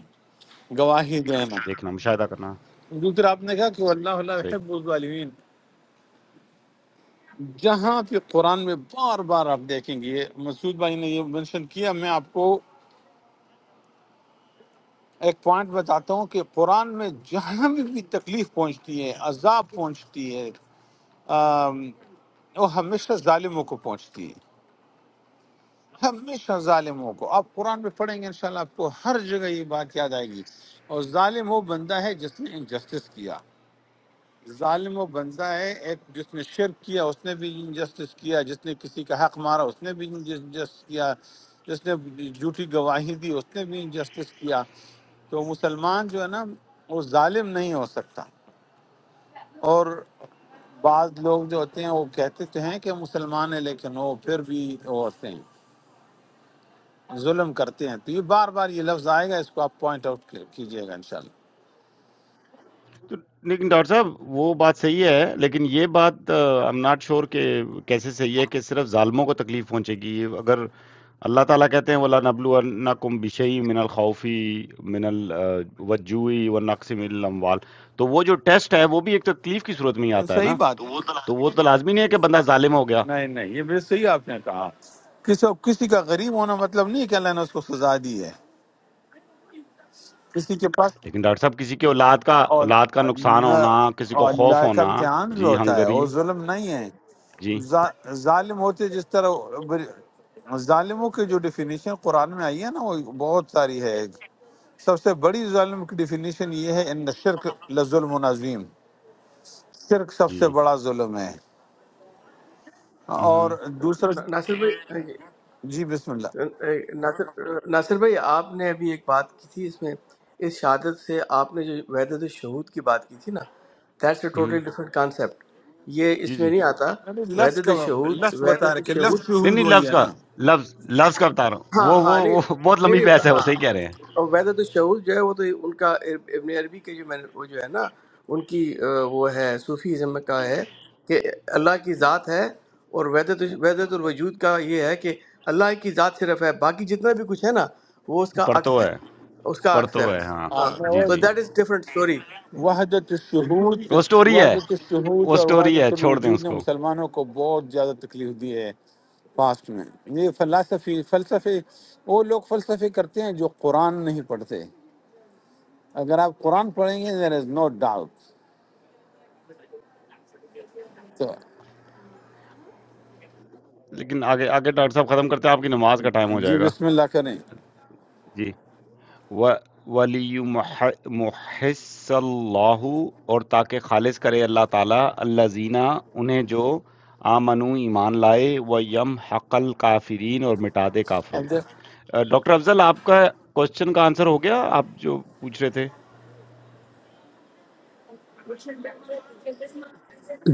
S8: گواہی دینا
S1: دیکھنا مشاہدہ کرنا
S8: دوسرا آپ نے کہا کہ اللہ اللہ
S1: صحیح
S8: حب الظالمین جہاں پہ قرآن میں بار بار آپ دیکھیں گے مسعود بھائی نے یہ منشن کیا میں آپ کو ایک پوائنٹ بتاتا ہوں کہ قرآن میں جہاں بھی بھی تکلیف پہنچتی ہے عذاب پہنچتی ہے آم، وہ ہمیشہ ظالموں کو پہنچتی ہے ہمیشہ ظالموں کو آپ قرآن میں پڑھیں گے انشاءاللہ آپ کو ہر جگہ یہ بات یاد آئے گی اور ظالم وہ بندہ ہے جس نے انجسٹس کیا ظالم وہ بندہ ہے ایک جس نے شرک کیا اس نے بھی انجسٹس کیا جس نے کسی کا حق مارا اس نے بھی انجسٹس کیا جس نے جھوٹی گواہی دی اس نے بھی انجسٹس کیا تو مسلمان جو ہے نا وہ ظالم نہیں ہو سکتا اور بعض لوگ جو ہوتے ہیں وہ کہتے تو ہیں کہ مسلمان ہیں لیکن وہ پھر بھی وہ ہوتے ہیں ظلم کرتے ہیں تو یہ بار بار یہ لفظ آئے گا اس کو آپ پوائنٹ آؤٹ کیجئے گا انشاءاللہ
S1: تو لیکن ڈاکٹر صاحب وہ بات صحیح ہے لیکن یہ بات ایم ناٹ شور کہ کیسے صحیح ہے کہ صرف ظالموں کو تکلیف پہنچے گی اگر اللہ تعالیٰ کہتے ہیں وَلَنَبْلُوَنَّكُمْ بِشَيْءٍ مِّنَ الْخَوْفِ مِّنَ الْوَجُّوِ وَالنَّقْصِ مِّنَ الْأَمْوَالِ تو وہ جو ٹیسٹ ہے وہ بھی ایک تکلیف کی صورت میں ہی آتا ہے
S8: صحیح
S1: نا
S8: بات
S1: تو وہ تو لازمی نہیں ہے کہ بندہ ظالم ہو گیا
S8: نہیں نہیں یہ بھی صحیح آپ نے کہا کسی کسی کا غریب ہونا مطلب نہیں ہے کہ اللہ نے اس کو سزا دی ہے کسی کے پاس
S1: لیکن ڈاکٹر صاحب کسی کے اولاد کا
S8: اور
S1: اولاد کا نقصان
S8: نہ-
S1: ہونا کسی کو
S8: اور
S1: خوف
S8: اللہ کا
S1: ہونا
S8: امتحان بھی
S1: جی
S8: ہوتا ہے
S1: ہنگری
S8: اور ظلم نہیں ہے
S1: جی
S8: ظا- ظالم ہوتے جس طرح بر- ظالموں کی جو ڈیفینیشن قرآن میں آئی ہے نا وہ بہت ساری ہے سب سے بڑی ظالم کی ڈیفینیشن یہ ہے ان شرک لظلم و عظیم شرک سب سے
S1: جی
S8: بڑا ظلم ہے اور
S1: مہم،
S8: دوسرا
S9: نا- ناصر بھائی
S8: جی بسم اللہ
S9: ناصر ناصر بھائی آپ نے ابھی ایک بات کی تھی اس میں اس شہادت سے آپ نے جو وحدت شہود کی بات کی تھی نا دیٹس اے
S1: مہم،
S9: ٹوٹلی ڈفرینٹ کانسیپٹ یہ
S1: جی
S9: اس میں
S1: جی
S9: نہیں آتا
S8: یعنی لفظ کا
S9: وحدت شہود
S8: لفظ بتا رہے
S9: وحدت
S8: کہ
S9: شہود
S8: لفظ
S1: نہیں
S8: شہود
S1: نہیں
S8: وہی
S1: لفظ
S8: ہے
S1: کا
S8: نا
S1: لفظ لفظ کا بتا رہا ہوں
S9: ہاں
S1: وہ وہ
S9: ہاں نہیں
S1: وہ بہت
S9: نہیں
S1: لمبی
S9: نہیں،
S1: بحث ہے وہ
S9: ہاں
S1: صحیح کہہ رہے ہیں
S9: اور وحدت الشعور جو ہے وہ تو ان کا اب- ابن عربی کے جو میں نے- وہ جو ہے نا ان کی آ، وہ ہے صوفیزم میں کا ہے کہ اللہ کی ذات ہے اور وحدت الش- وحدت الوجود کا یہ ہے کہ اللہ کی ذات صرف ہے باقی جتنا بھی کچھ ہے نا وہ اس کا عکس
S1: پڑھتو
S9: ہے
S1: ہے
S9: اس کا عکس ہے
S1: پڑھتو ہے ہاں
S9: ہاں
S8: آپ نے وہ
S1: جی
S9: تو
S1: جی
S9: دیٹ از ڈفرنٹ اسٹوری ہمارے
S8: وحدت الشہود
S1: وہ سٹوری ہے
S8: وحدت الشہود
S1: وہ
S8: اور
S1: اسٹوری ہے
S8: وحدت
S1: چھوڑ دیں
S8: الوجود
S1: اس
S8: نے
S1: کو
S8: مسلمانوں کو بہت زیادہ تکلیف دی ہے پاسٹ میں یہ فلسفی فلسفے وہ لوگ فلسفے کرتے ہیں جو قرآن نہیں پڑھتے اگر آپ قرآن پڑھیں گے there is no doubt تو
S1: لیکن آگے آگے ڈاکٹر صاحب ختم کرتے ہیں آپ کی نماز کا ٹائم ہو
S8: جی
S1: جائے گا
S8: بسم اللہ کریں
S1: جی و ولی محص اللہ اور تاکہ خالص کرے اللہ تعالیٰ اللہ زینہ انہیں جو آمنو ایمان لائے و یم حقل کافرین اور مٹا دے کافروں
S8: اب
S1: کو
S8: دیکھ-
S1: آ، ڈاکٹر افضل آپ کا کوشچن کا آنسر ہو گیا آپ جو پوچھ رہے تھے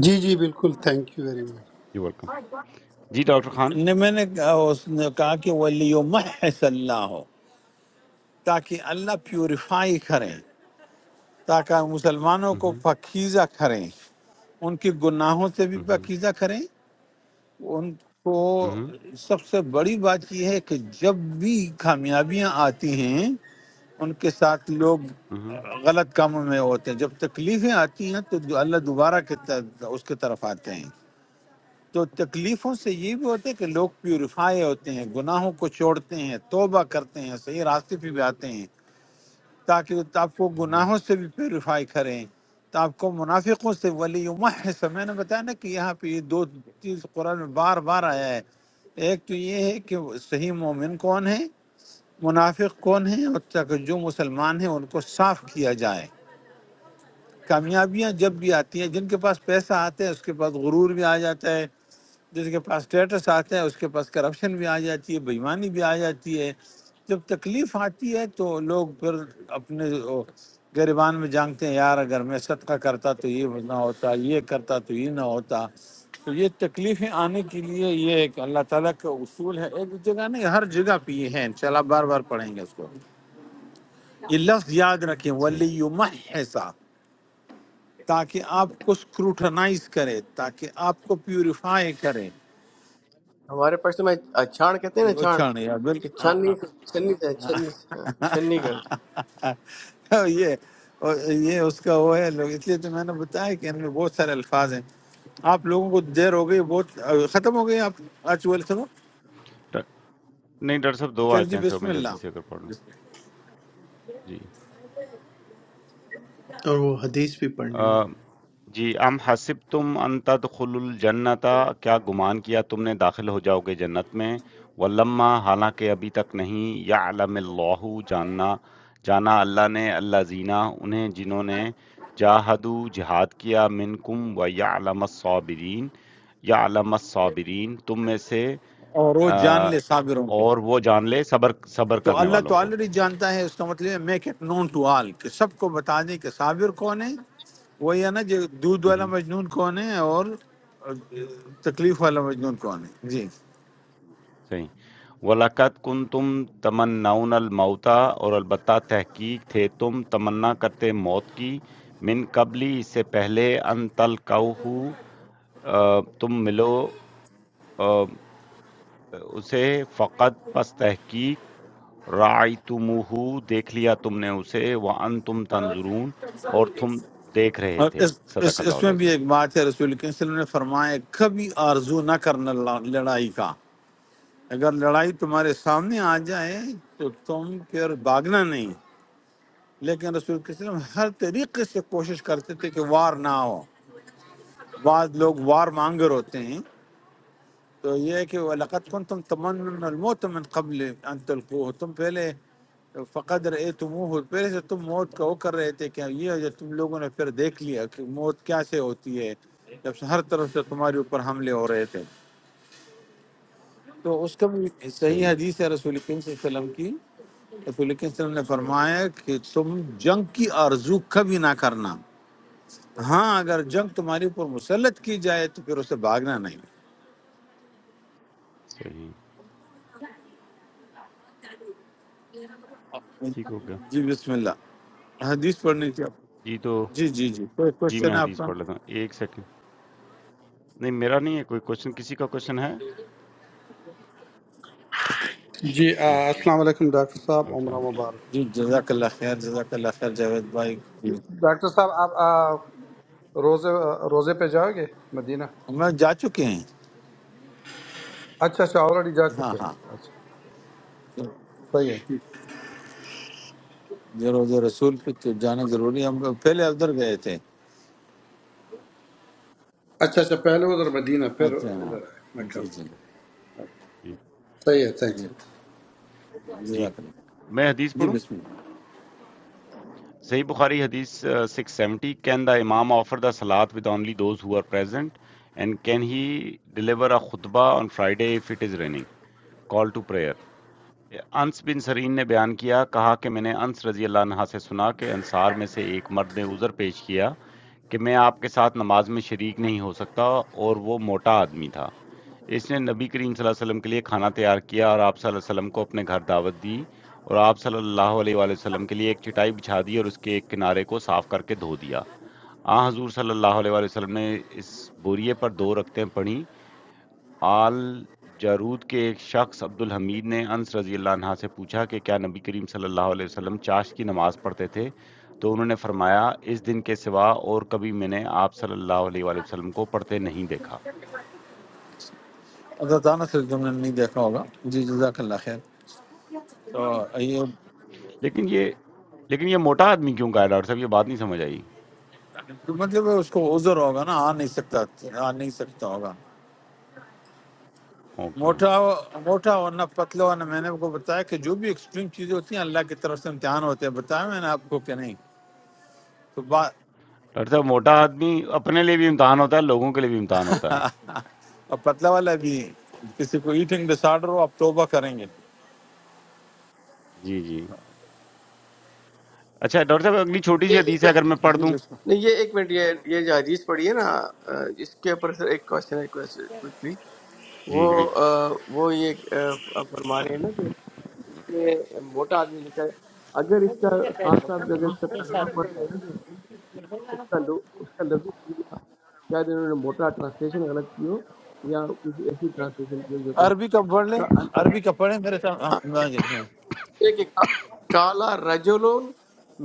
S7: جی جی بالکل تھینک یو ویری مچ
S1: جی ویلکم جی ڈاکٹر خان
S8: نے میں نے کہا- اس نے کہا کہ ولیمحص اللہ تاکہ اللہ پیوریفائی کریں تاکہ مسلمانوں کو
S1: ہوں
S8: پکیزہ کریں ان کے گناہوں سے بھی
S1: ہوں
S8: پکیزہ کریں ان کو سب سے بڑی بات یہ ہے کہ جب بھی کامیابیاں آتی ہیں ان کے ساتھ لوگ
S1: ہوں
S8: غلط کاموں میں ہوتے ہیں جب تکلیفیں آتی ہیں تو اللہ دوبارہ کے طرف- اس کے طرف آتے ہیں تو تکلیفوں سے یہ بھی ہوتا ہے کہ لوگ پیوریفائی ہوتے ہیں گناہوں کو چھوڑتے ہیں توبہ کرتے ہیں صحیح راستے پہ بھی آتے ہیں تاکہ آپ کو
S1: ہوں
S8: گناہوں سے بھی پیوریفائی کریں تو آپ کو منافقوں سے ولی محس میں نے بتایا نا کہ یہاں پہ یہ دو چیز قرآن میں بار بار آیا ہے ایک تو یہ ہے کہ صحیح مومن کون ہے منافق کون ہے اور تاکہ جو مسلمان ہیں ان کو صاف کیا جائے کامیابیاں جب بھی آتی ہیں جن کے پاس پیسہ آتا ہے اس کے پاس غرور بھی آ جاتا ہے جس کے پاس اسٹیٹس آتا ہے اس کے پاس کرپشن بھی آ جاتی ہے بےمانی بھی آ جاتی ہے جب تکلیف آتی ہے تو لوگ پھر اپنے وہ گریبان میں جانگتے ہیں یار اگر میں صدقہ کرتا تو یہ نہ ہوتا یہ کرتا تو یہ نہ ہوتا تو یہ تکلیفیں آنے کے لیے یہ ایک اللہ تعالیٰ کا اصول ہے ایک جگہ نہیں ہر جگہ پہ یہ ہے انشاءاللہ بار بار پڑھیں گے اس کو یہ لفظ یاد رکھیں
S1: صحیح
S8: ولی تاکہ آپ کو سکروٹنائز کرے تاکہ آپ کو پیوریفائی کرے
S9: پاکستان میں آ، چھان کہتے ہیں نا
S8: وہ
S9: چھان
S8: چھانے یا بل
S9: کہ چھنی چھنی سے چھنی ہاں، چھنی کا
S8: یہ یہ اس کا وہ ہے لوگ اس لیے تو میں نے بتایا کہ ان میں بہت سارے الفاظ ہیں آپ لوگوں کو دیر ہو گئی بہت ختم ہو گئی آپ آج سنو
S1: ڈا- نہیں ڈاکٹر صاحب 2
S8: چل جی
S1: آیتیں ہیں سر
S8: بسم
S1: میں جلدی سے اگر پڑھ
S8: اللہ
S1: لوں جی
S2: اور وہ حدیث بھی پڑھنی ہے
S1: آ، جی ام حسبتم ان تدخلوا الجنت کیا گمان کیا تم نے داخل ہو جاؤ گے جنت میں ولما حالانکہ ابھی تک نہیں یعلم اللہ جاننا جانا اللہ نے اللہ زینا انہیں جنہوں نے جاہدو جہاد کیا منکم و یعلم الصابرین یعلم الصابرین تم میں سے
S8: اور وہ
S1: آ،
S8: جان لے صابروں کے
S1: اور وہ جان لے صبر صبر
S8: تو
S1: کرنے
S8: اللہ
S1: والوں
S8: تو
S1: کو
S8: آلریڈی جانتا ہے اس کا مطلب ہے make it known to all کہ سب کو بتا دیں کہ صابر کون ہے وہ یہ نا جو دودھ والا مجنون کون ہے اور تکلیف والا مجنون کون ہے جی
S1: صحیح۔ وَلَقَدْ كُنْتُمْ تَمَنَّوْنَ الْمَوْتَ اور البتہ تحقیق تھے تم تمنا کرتے موت کی من قبلی اس سے پہلے أَن تَلْقَوْهُ آ، تم ملو آ، اسے فَقَدْ پس تحقیق رَأَیْتُمُوهُ دیکھ لیا تم نے اسے وَأَنْتُمْ تَنْظُرُونَ اور تم دیکھ رہے
S8: اور
S1: تھے
S8: اس, اس,
S1: صدق
S8: اس
S1: اللہ
S8: میں بھی
S1: العظیم
S8: ایک بات ہے رسول کریم صلی اللہ علیہ وسلم نے فرمایا کبھی آرزو نہ کرنا لا- لڑائی کا اگر لڑائی تمہارے سامنے آ جائے تو تم پھر بھاگنا نہیں لیکن رسول کریم صلی اللہ علیہ وسلم ہر طریقے سے کوشش کرتے تھے کہ وار نہ ہو بعض لوگ وار مانگر ہوتے ہیں تو یہ ہے کہ وَلَقَدْ كُنْتُمْ تَمَنُّونَ الْمَوْتَ مِنْ قَبْلِ أَنْ تُلْقُوهُ تم پہلے فقد رأيتموه پہلے سے تم موت کا وہ کر رہے تھے کہ یہ جو تم لوگوں نے پھر دیکھ لیا کہ موت کیا سے ہوتی ہے جب سے ہر طرف سے تمہارے اوپر حملے ہو رہے تھے تو اس کا بھی صحیح
S1: صحیح
S8: حدیث ہے رسول کریم صلی اللہ علیہ وسلم کی رسول کریم صلی اللہ علیہ وسلم نے فرمایا کہ تم جنگ کی آرزو کبھی نہ کرنا ہاں اگر جنگ تمہارے اوپر مسلط کی جائے تو پھر اسے بھاگنا نہیں
S1: صحیح ٹھیک ہو گیا
S8: جی بسم اللہ حدیث پڑھنی تھی آپ کو۔
S1: جی تو
S8: جی جی جی کوئی
S1: جی
S8: کوشچن
S1: میں
S8: ہے آپ
S1: حدیث
S8: کا
S1: پڑھ لیتا ہوں ایک سیکنڈ نہیں میرا نہیں ہے کوئی کوشچن کسی کا کوشچن ہے
S10: جی آ،
S1: نہیں
S10: السلام علیکم ڈاکٹر صاحب
S1: وعلیکم
S10: عمرہ
S1: السلام
S10: مبارک ہو
S8: جی جزاک اللہ خیر جزاک اللہ خیر جاوید بھائی جی
S10: ڈاکٹر صاحب آپ آ، روزے روزے پہ جاؤ گے مدینہ
S8: ہمیں جا چکے ہیں
S10: اچھا اچھا آلریڈی جا
S8: ہاں
S10: چکے ہیں
S8: ہاں
S10: اچھا صحیح ہے ٹھیک۔
S8: یہ روز رسول پہ تو جانا ضروری ہے ہم لوگ پہلے ادھر گئے تھے
S10: اچھا اچھا پہلے ادھر مدینہ پھر
S8: اچھا ہاں
S10: ادھر آئے مکہ
S8: جی
S10: میں
S8: جی
S1: جی
S10: صحیح ہے تھینک
S8: جی
S1: جی
S8: جزاک اللہ
S1: میں حدیث
S8: جی
S1: پڑھوں
S8: بسم اللہ
S1: صحیح بخاری حدیث سکس سیونٹی کین دا امام آفر دا سلاد with only those who are present and can he deliver a خطبہ on Friday if it is raining call to prayer Anas bin Sirin نے بیان کیا کہا کہ میں نے انس رضی اللہ عنہ سے سنا کہ انصار میں سے ایک مرد نے عذر پیش کیا کہ میں آپ کے ساتھ نماز میں شریک نہیں ہو سکتا اور وہ موٹا آدمی تھا اس نے نبی کریم صلی اللہ علیہ وسلم کے لیے کھانا تیار کیا اور آپ صلی اللہ علیہ وسلم کو اپنے گھر دعوت دی اور آپ صلی اللہ علیہ وآلہ وسلم کے لیے ایک چٹائی بچھا دی اور اس کے ایک کنارے کو صاف کر کے دھو دیا آ حضور صلی اللہ علیہ وآلہ وسلم نے اس بوریے پر دو رکھتیں پڑھیں آل جارود کے ایک شخص عبد الحمید نے انس رضی اللہ عنہ سے پوچھا کہ کیا نبی کریم صلی اللہ علیہ وسلم چاش کی نماز پڑھتے تھے تو انہوں نے فرمایا اس دن کے سوا اور کبھی میں نے آپ صلی اللہ علیہ وآلہ وسلم کو پڑھتے نہیں دیکھا
S8: اللہ تعالیٰ سے تم نے نہیں دیکھا ہوگا جی جزاک اللہ خیر تو یہ
S1: لیکن یہ لیکن یہ موٹا آدمی کیوں کہا ہے ڈاکٹر صاحب یہ بات نہیں سمجھ آئی
S8: مطلب ہے اس کو عذر ہوگا نا آ نہیں سکتا آ نہیں سکتا ہوگا
S1: اوکے
S8: موٹا موٹا ہونا پتلا ہونا میں نے آپ کو بتایا کہ جو بھی ایکسٹریم چیزیں ہوتی ہیں اللہ کی طرف سے امتحان ہوتے ہیں بتایا میں نے آپ کو کہ نہیں تو بات
S1: ڈاکٹر صاحب موٹا آدمی اپنے لیے بھی امتحان ہوتا ہے لوگوں کے لیے بھی امتحان ہوتا ہے
S8: اور پتلا والا بھی کسی کو ایٹنگ ڈس آرڈر ہو آپ توبہ کریں گے
S1: جی جی اچھا ڈاکٹر صاحب اگلی چھوٹی
S9: یہ
S1: سی
S9: اس
S1: حدیث ہے
S9: کا
S1: اگر میں پڑھ
S8: جی
S1: دوں
S8: بالکل
S9: نہیں یہ ایک منٹ یہ یہ جو حدیث پڑھی ہے نا آ، اس کے اوپر سر ایک کوشچن ہے کوئکلی
S1: جی
S9: وہ ہوں آ، وہ یہ آ، آپ فرما رہے ہیں نا کہ اس میں موٹا آدمی لکھا ہے اگر اس کا خان صاحب اگر اس کا ترجمہ پڑھ رہے ہیں نا تو اس کا لو- اس کا لفظی ترجمہ شاید انہوں نے موٹا ٹرانسلیشن غلط کی ہو یا کچھ ایسی ٹرانسلیشن کی ہو جو کہ
S8: عربی کا پڑھ لیں
S9: اس
S8: عربی کا پڑھیں میرے
S9: کا
S8: سامنے
S9: ایک ایک- کالا رجلون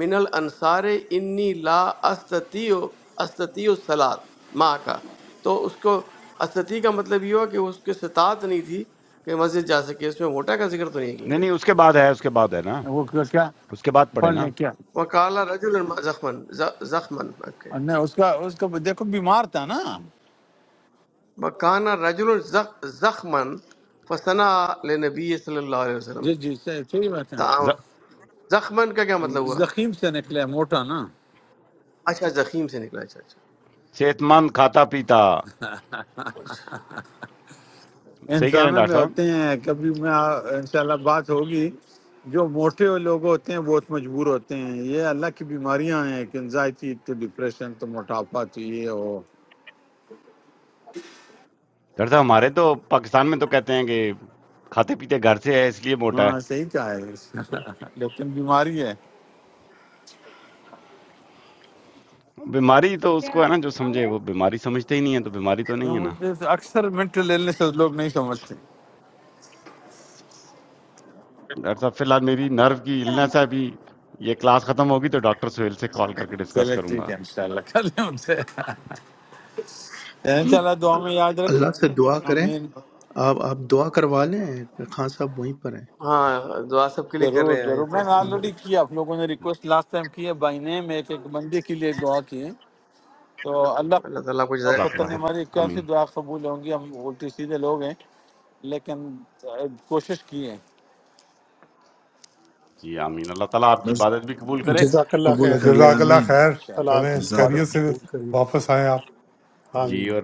S9: من الانصار انی لا استطیع استطیع الصلاۃ ماں کا تو اس کو استطیع کا مطلب یہ ہوا کہ اس کے استطاعت نہیں تھی کہ مسجد جا سکے اس میں موٹا کا ذکر تو نہیں ہے کہیں
S1: نہیں
S9: پہ
S1: نہیں اس کے بعد ہے اس کے بعد ہے نا
S8: وہ کیا کیا؟
S1: اس کے بعد پڑھے
S8: پڑھ
S1: نا
S8: لیں کیا
S9: وکالا رجل زخمن زخمن اوکے
S8: نہیں اس کا اس کا دیکھو بیمار تھا نا
S9: وکانا رجل زخ- زخمن فسنا لنبی صلی اللہ علیہ وسلم
S8: جی جی صحیح صحیح بات ہے
S9: تعام-
S1: ز-
S9: زخمن کا کیا مطلب ہوا
S8: زخیم سے نکلا ہے، موٹا نا
S9: اچھا زخیم سے نکلا اچھا اچھا
S1: صحت مند کھاتا پیتا صحیح کہہ رہے ہیں
S8: انسانوں میں
S1: ڈاکٹر صاحب
S8: ہوتے ہیں کبھی میں آ- انشاءاللہ بات ہوگی جو موٹے لوگ ہوتے ہیں بہت مجبور ہوتے ہیں یہ اللہ کی بیماریاں ہیں کہ انزائٹی تو ڈپریشن تو موٹاپا تو یہ ہو
S1: ڈاکٹر صاحب ہمارے تو پاکستان میں تو کہتے ہیں کہ کھاتے پیتے گھر سے ہے اس لیے موٹا
S8: ہاں
S1: ہے
S8: صحیح کہا ہے لیکن بیماری ہے
S1: بیماری تو اس کو ہے نا جو سمجھے وہ بیماری سمجھتے ہی نہیں ہے تو بیماری تو نہیں
S8: تو
S1: ہے نا
S8: مجھے تو اکثر مینٹل ایلنس لوگ نہیں سمجھتے
S1: ڈاکٹر صاحب فی الحال میری نرو کی النس ہے ابھی یہ کلاس ختم ہوگی تو ڈاکٹر سہیل سے کال کر کے ڈسکس
S8: چلے
S1: کروں
S8: ٹھیک
S1: گا
S8: ہے انشاءاللہ کر لیں ان سے انشاءاللہ دعا میں یاد
S2: اللہ
S8: رکھیں
S2: سے دعا کریں
S8: امین
S2: آپ آپ دعا کروا لیں خان صاحب وہیں پر ہیں
S9: ہاں دعا سب کے لیے کر
S8: ضرور
S9: رہے ہیں یہ
S8: ضرور میں نے
S2: ہاں
S9: تو
S1: جی،
S8: آلریڈی کیا آپ لوگوں نے ریکویسٹ لاسٹ ٹائم کی ہے بائی نیم ایک ایک بندے کے لیے دعا کی ہے تو
S9: اللہ تعالیٰ آپ کو
S8: اللہ
S9: جزائے
S8: اب
S1: جزاک
S9: خیر۔
S8: پتہ
S1: اللہ
S8: نہیں ہماری
S1: آمین
S8: کیسی دعا قبول ہوں گی ہم الٹے سیدھے لوگ ہیں لیکن کوشش کی ہے
S1: جی آمین اللہ تعالیٰ آپ کی
S3: بس
S1: عبادت بھی قبول کرے
S7: جزاک اللہ
S3: قبول
S7: خیر
S4: تو
S3: کر
S7: اللہ
S3: لے
S4: جزاک اللہ
S3: آمین
S4: خیر
S7: تعالیٰ
S8: انشاءاللہ
S7: آپ
S4: چلیں
S7: کی
S3: جزاک
S7: عبادت
S4: خیریت سے
S3: اللہ
S7: قبول کریں
S4: واپس آئیں آپ چلیں
S1: جی
S7: آمین
S1: اور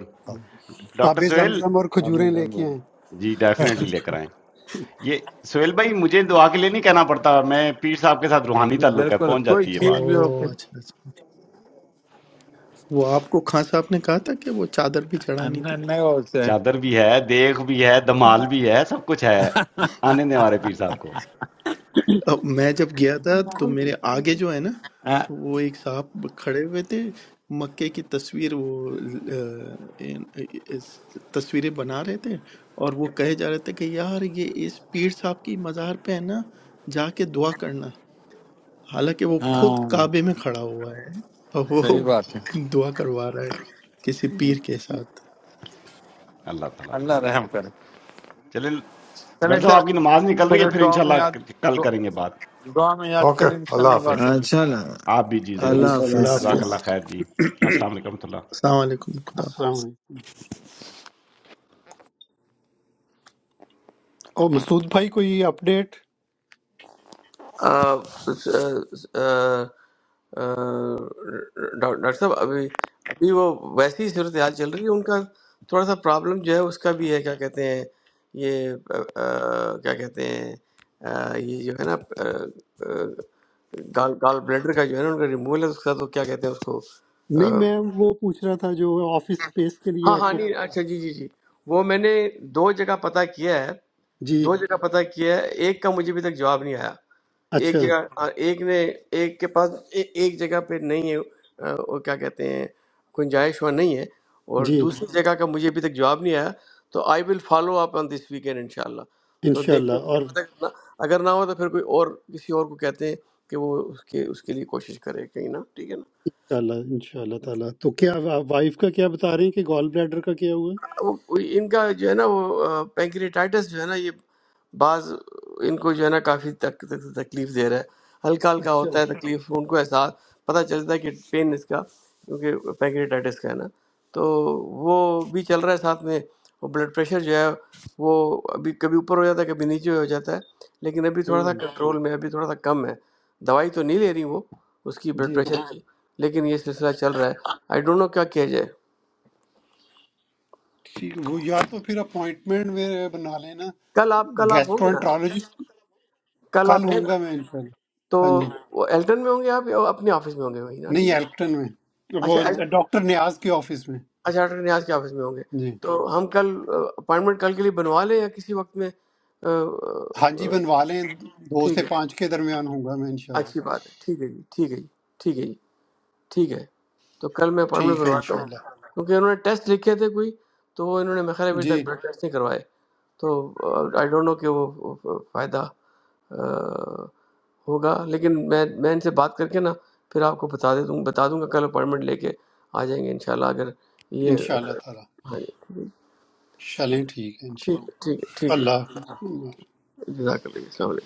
S7: آب
S1: ڈاکٹر سہیل
S7: زمزم اور کھجوریں
S8: آمین
S7: لے کے
S8: آمین
S7: آئیں
S1: جی ڈیفینیٹلی لے کر آئیں یہ سہیل بھائی مجھے دعا کے لیے نہیں کہنا پڑتا میں پیر صاحب کے ساتھ روحانی
S8: جی
S1: تعلق ہے
S8: بالکل
S1: پہنچ
S8: کوئی
S1: جاتی ہے
S2: او
S8: چیز
S1: بات
S8: بھی ہو کوئی-
S2: اچھا اچھا وہ آپ کو خان صاحب نے کہا تھا کہ وہ چادر بھی چڑھانی تھی
S8: نہیں نہیں ہو اسے
S1: چادر بھی ہے دیکھ بھی ہے دمال بھی ہے سب کچھ ہے آنے دیں ہمارے پیر صاحب کو
S2: اب میں جب گیا تھا تو میرے آگے جو ہے نا
S8: ہاں
S2: وہ ایک صاحب کھڑے ہوئے تھے مکے کی تصویر وہ آ، ان- اس- تصویریں بنا رہے تھے اور وہ کہے جا رہے تھے کہ یار یہ اس پیر صاحب کی مزار پہ ہے نا جا کے دعا کرنا حالانکہ وہ خود
S8: ہاں،
S2: کعبے میں کھڑا ہوا ہے اور وہ
S8: صحیح بات ہے
S2: دعا کروا رہا ہے کسی پیر کے ساتھ
S1: اللہ تعالیٰ
S8: اللہ
S1: آسانی کرے
S8: رحم کرے
S1: بس چلے
S8: چلیں
S1: ڈاکٹر
S8: سر
S1: صاحب آپ کی نماز نکل رہی ہے
S8: پھر
S1: پھر
S8: دعا میں یاد
S1: انشاءاللہ کل کریں گے بات
S8: دعا میں یاد
S4: اوکے
S8: کریں
S4: اللہ
S8: انشاءاللہ
S4: حافظ
S8: بات ہوگی
S3: اچھا اللہ
S1: آپ بھی جی ضرور
S3: اللہ
S10: یو اللہ
S2: اللہ
S3: حافظ
S1: جزاک
S10: اللہ
S2: حافظ
S1: اللہ خیر جی السلام علیکم ورحمۃ اللہ
S2: السلام علیکم خدا
S7: السلام
S2: حافظ
S7: علیکم اور مسعود بھائی کوئی اپڈیٹ
S9: آ، آ، آ، ڈاک- ڈاکٹر صاحب ابھی ابھی وہ ویسی ہی صورتحال چل رہی ہے ان کا تھوڑا سا پرابلم جو ہے اس کا بھی ہے کیا کہتے ہیں یہ آ، آ، کیا کہتے ہیں آ، یہ جو ہے نا آ، آ، گال گال بلیڈر کا جو ہے نا ان کا ریموول ہے اس کا تو کیا کہتے ہیں اس کو
S7: نہیں
S9: آ،
S7: میں وہ پوچھ رہا تھا جو آفس سپیس کے لیے
S9: ہاں
S7: آپ
S9: ہاں
S7: کو
S9: نہیں
S7: کہا
S9: اچھا جی جی جی وہ میں نے دو جگہ پتہ کیا ہے
S7: تھا۔ جی
S9: دو جگہ پتہ کیا ہے ایک کا مجھے ابھی تک جواب نہیں آیا ایک
S7: اچھا
S9: جگہ آ، ایک نے ایک کے پاس اے- ایک جگہ پہ نہیں ہے آ، وہ کیا کہتے ہیں گنجائش وہاں نہیں ہے اور
S7: جی
S9: دوسری ہوں۔ جگہ کا مجھے ابھی تک جواب نہیں آیا تو آئی will follow up on this weekend انشاءاللہ تو دیکھیں
S7: انشاءاللہ
S9: اس کے
S7: اور
S9: بعد اگر نہ اگر نہ ہو تو پھر کوئی اور کسی اور کو کہتے ہیں کہ وہ اس کے اس کے لیے کوشش کرے کہیں نا ٹھیک ہے نا
S7: انشاءاللہ انشاءاللہ تعالیٰ تو کیا آپ وائف کا کیا بتا رہے ہیں کہ گال بلیڈر کا کیا ہوا ہے؟
S9: وہ ان کا جو ہے نا وہ پینکریٹائٹس جو ہے نا یہ بعض ان کو جو ہے نا کافی تک- تک- تکلیف دے رہا ہے ہلکا ہلکا
S7: اچھا
S9: ہوتا ہے تکلیف ان کو احساس پتہ چلتا ہے کہ پین اس کا کیونکہ پینکریٹائٹس کا ہے نا تو وہ بھی چل رہا ہے ساتھ میں وہ بلڈ پریشر جو ہے وہ ابھی کبھی اوپر ہو جاتا ہے کبھی نیچے ہو جاتا ہے لیکن ابھی تھوڑا سا
S7: ہوں
S9: کنٹرول میں ہے، ابھی تھوڑا سا کم ہے دوائی تو نہیں لے رہی وہ اس کی بلڈ
S7: جی
S9: پریشر کی لیکن یہ سلسلہ چل رہا ہے آئی ڈونٹ نو کیا کیا جائے
S7: ٹھیک وہ یا تو پھر اپوائنٹمنٹ میں بنا لینا
S9: کل آپ کل آپ ہوں گے نا
S7: گیسٹرو
S9: کل
S7: کل
S9: آپ ہیں
S7: ہوں گا میں انشاءاللہ
S9: تو
S7: ہاں جی
S9: وہ ایلٹن میں ہوں گے آپ یا اپنے آفس میں ہوں گے وہی نا
S7: نہیں
S9: ٹھیک ہے
S7: ایلکٹن میں
S9: اچھا
S7: وہ
S9: ایلٹن-
S7: ڈاکٹر نیاز کے آفس میں
S9: اچھا ڈاکٹر نیاز کے آفس میں ہوں گے
S7: جی
S9: تو ہم کل اپائنٹمنٹ کل کے لیے بنوا لیں یا کسی وقت میں آ، آ،
S7: ہاں جی
S9: آ،
S7: بنوا لیں دو
S9: ٹھیک
S7: سے
S9: ہے
S7: پانچ کے درمیان ہوں گا میں انشاءاللہ
S9: اچھی بات ہے ٹھیک ہے جی ٹھیک ہے جی ٹھیک ہے جی ٹھیک ہے تو کل میں اپوائنٹمنٹ
S7: ٹھیک ہے
S9: بنواتا ہوں
S7: انشاءاللہ
S9: کیونکہ انہوں نے ٹیسٹ لکھے تھے کوئی تو وہ انہوں نے میرے خیال ہے ابھی
S7: جی
S9: تک بلڈ ٹیسٹ نہیں کروائے تو آئی ڈونٹ نو کہ وہ وہ فائدہ آ، ہوگا لیکن میں میں ان سے بات کر کے نا پھر آپ کو بتا دے دوں بتا دوں گا کل اپوائنٹمنٹ لے کے آ جائیں گے انشاءاللہ اگر یہ
S7: انشاءاللہ تعالی چلیں ٹھیک ہے
S9: ٹھیک ٹھیک
S7: انشاءاللہ
S9: ٹھیک ہے ٹھیک ہے
S7: اللہ حافظ
S9: جزاک اللہ السلام علیکم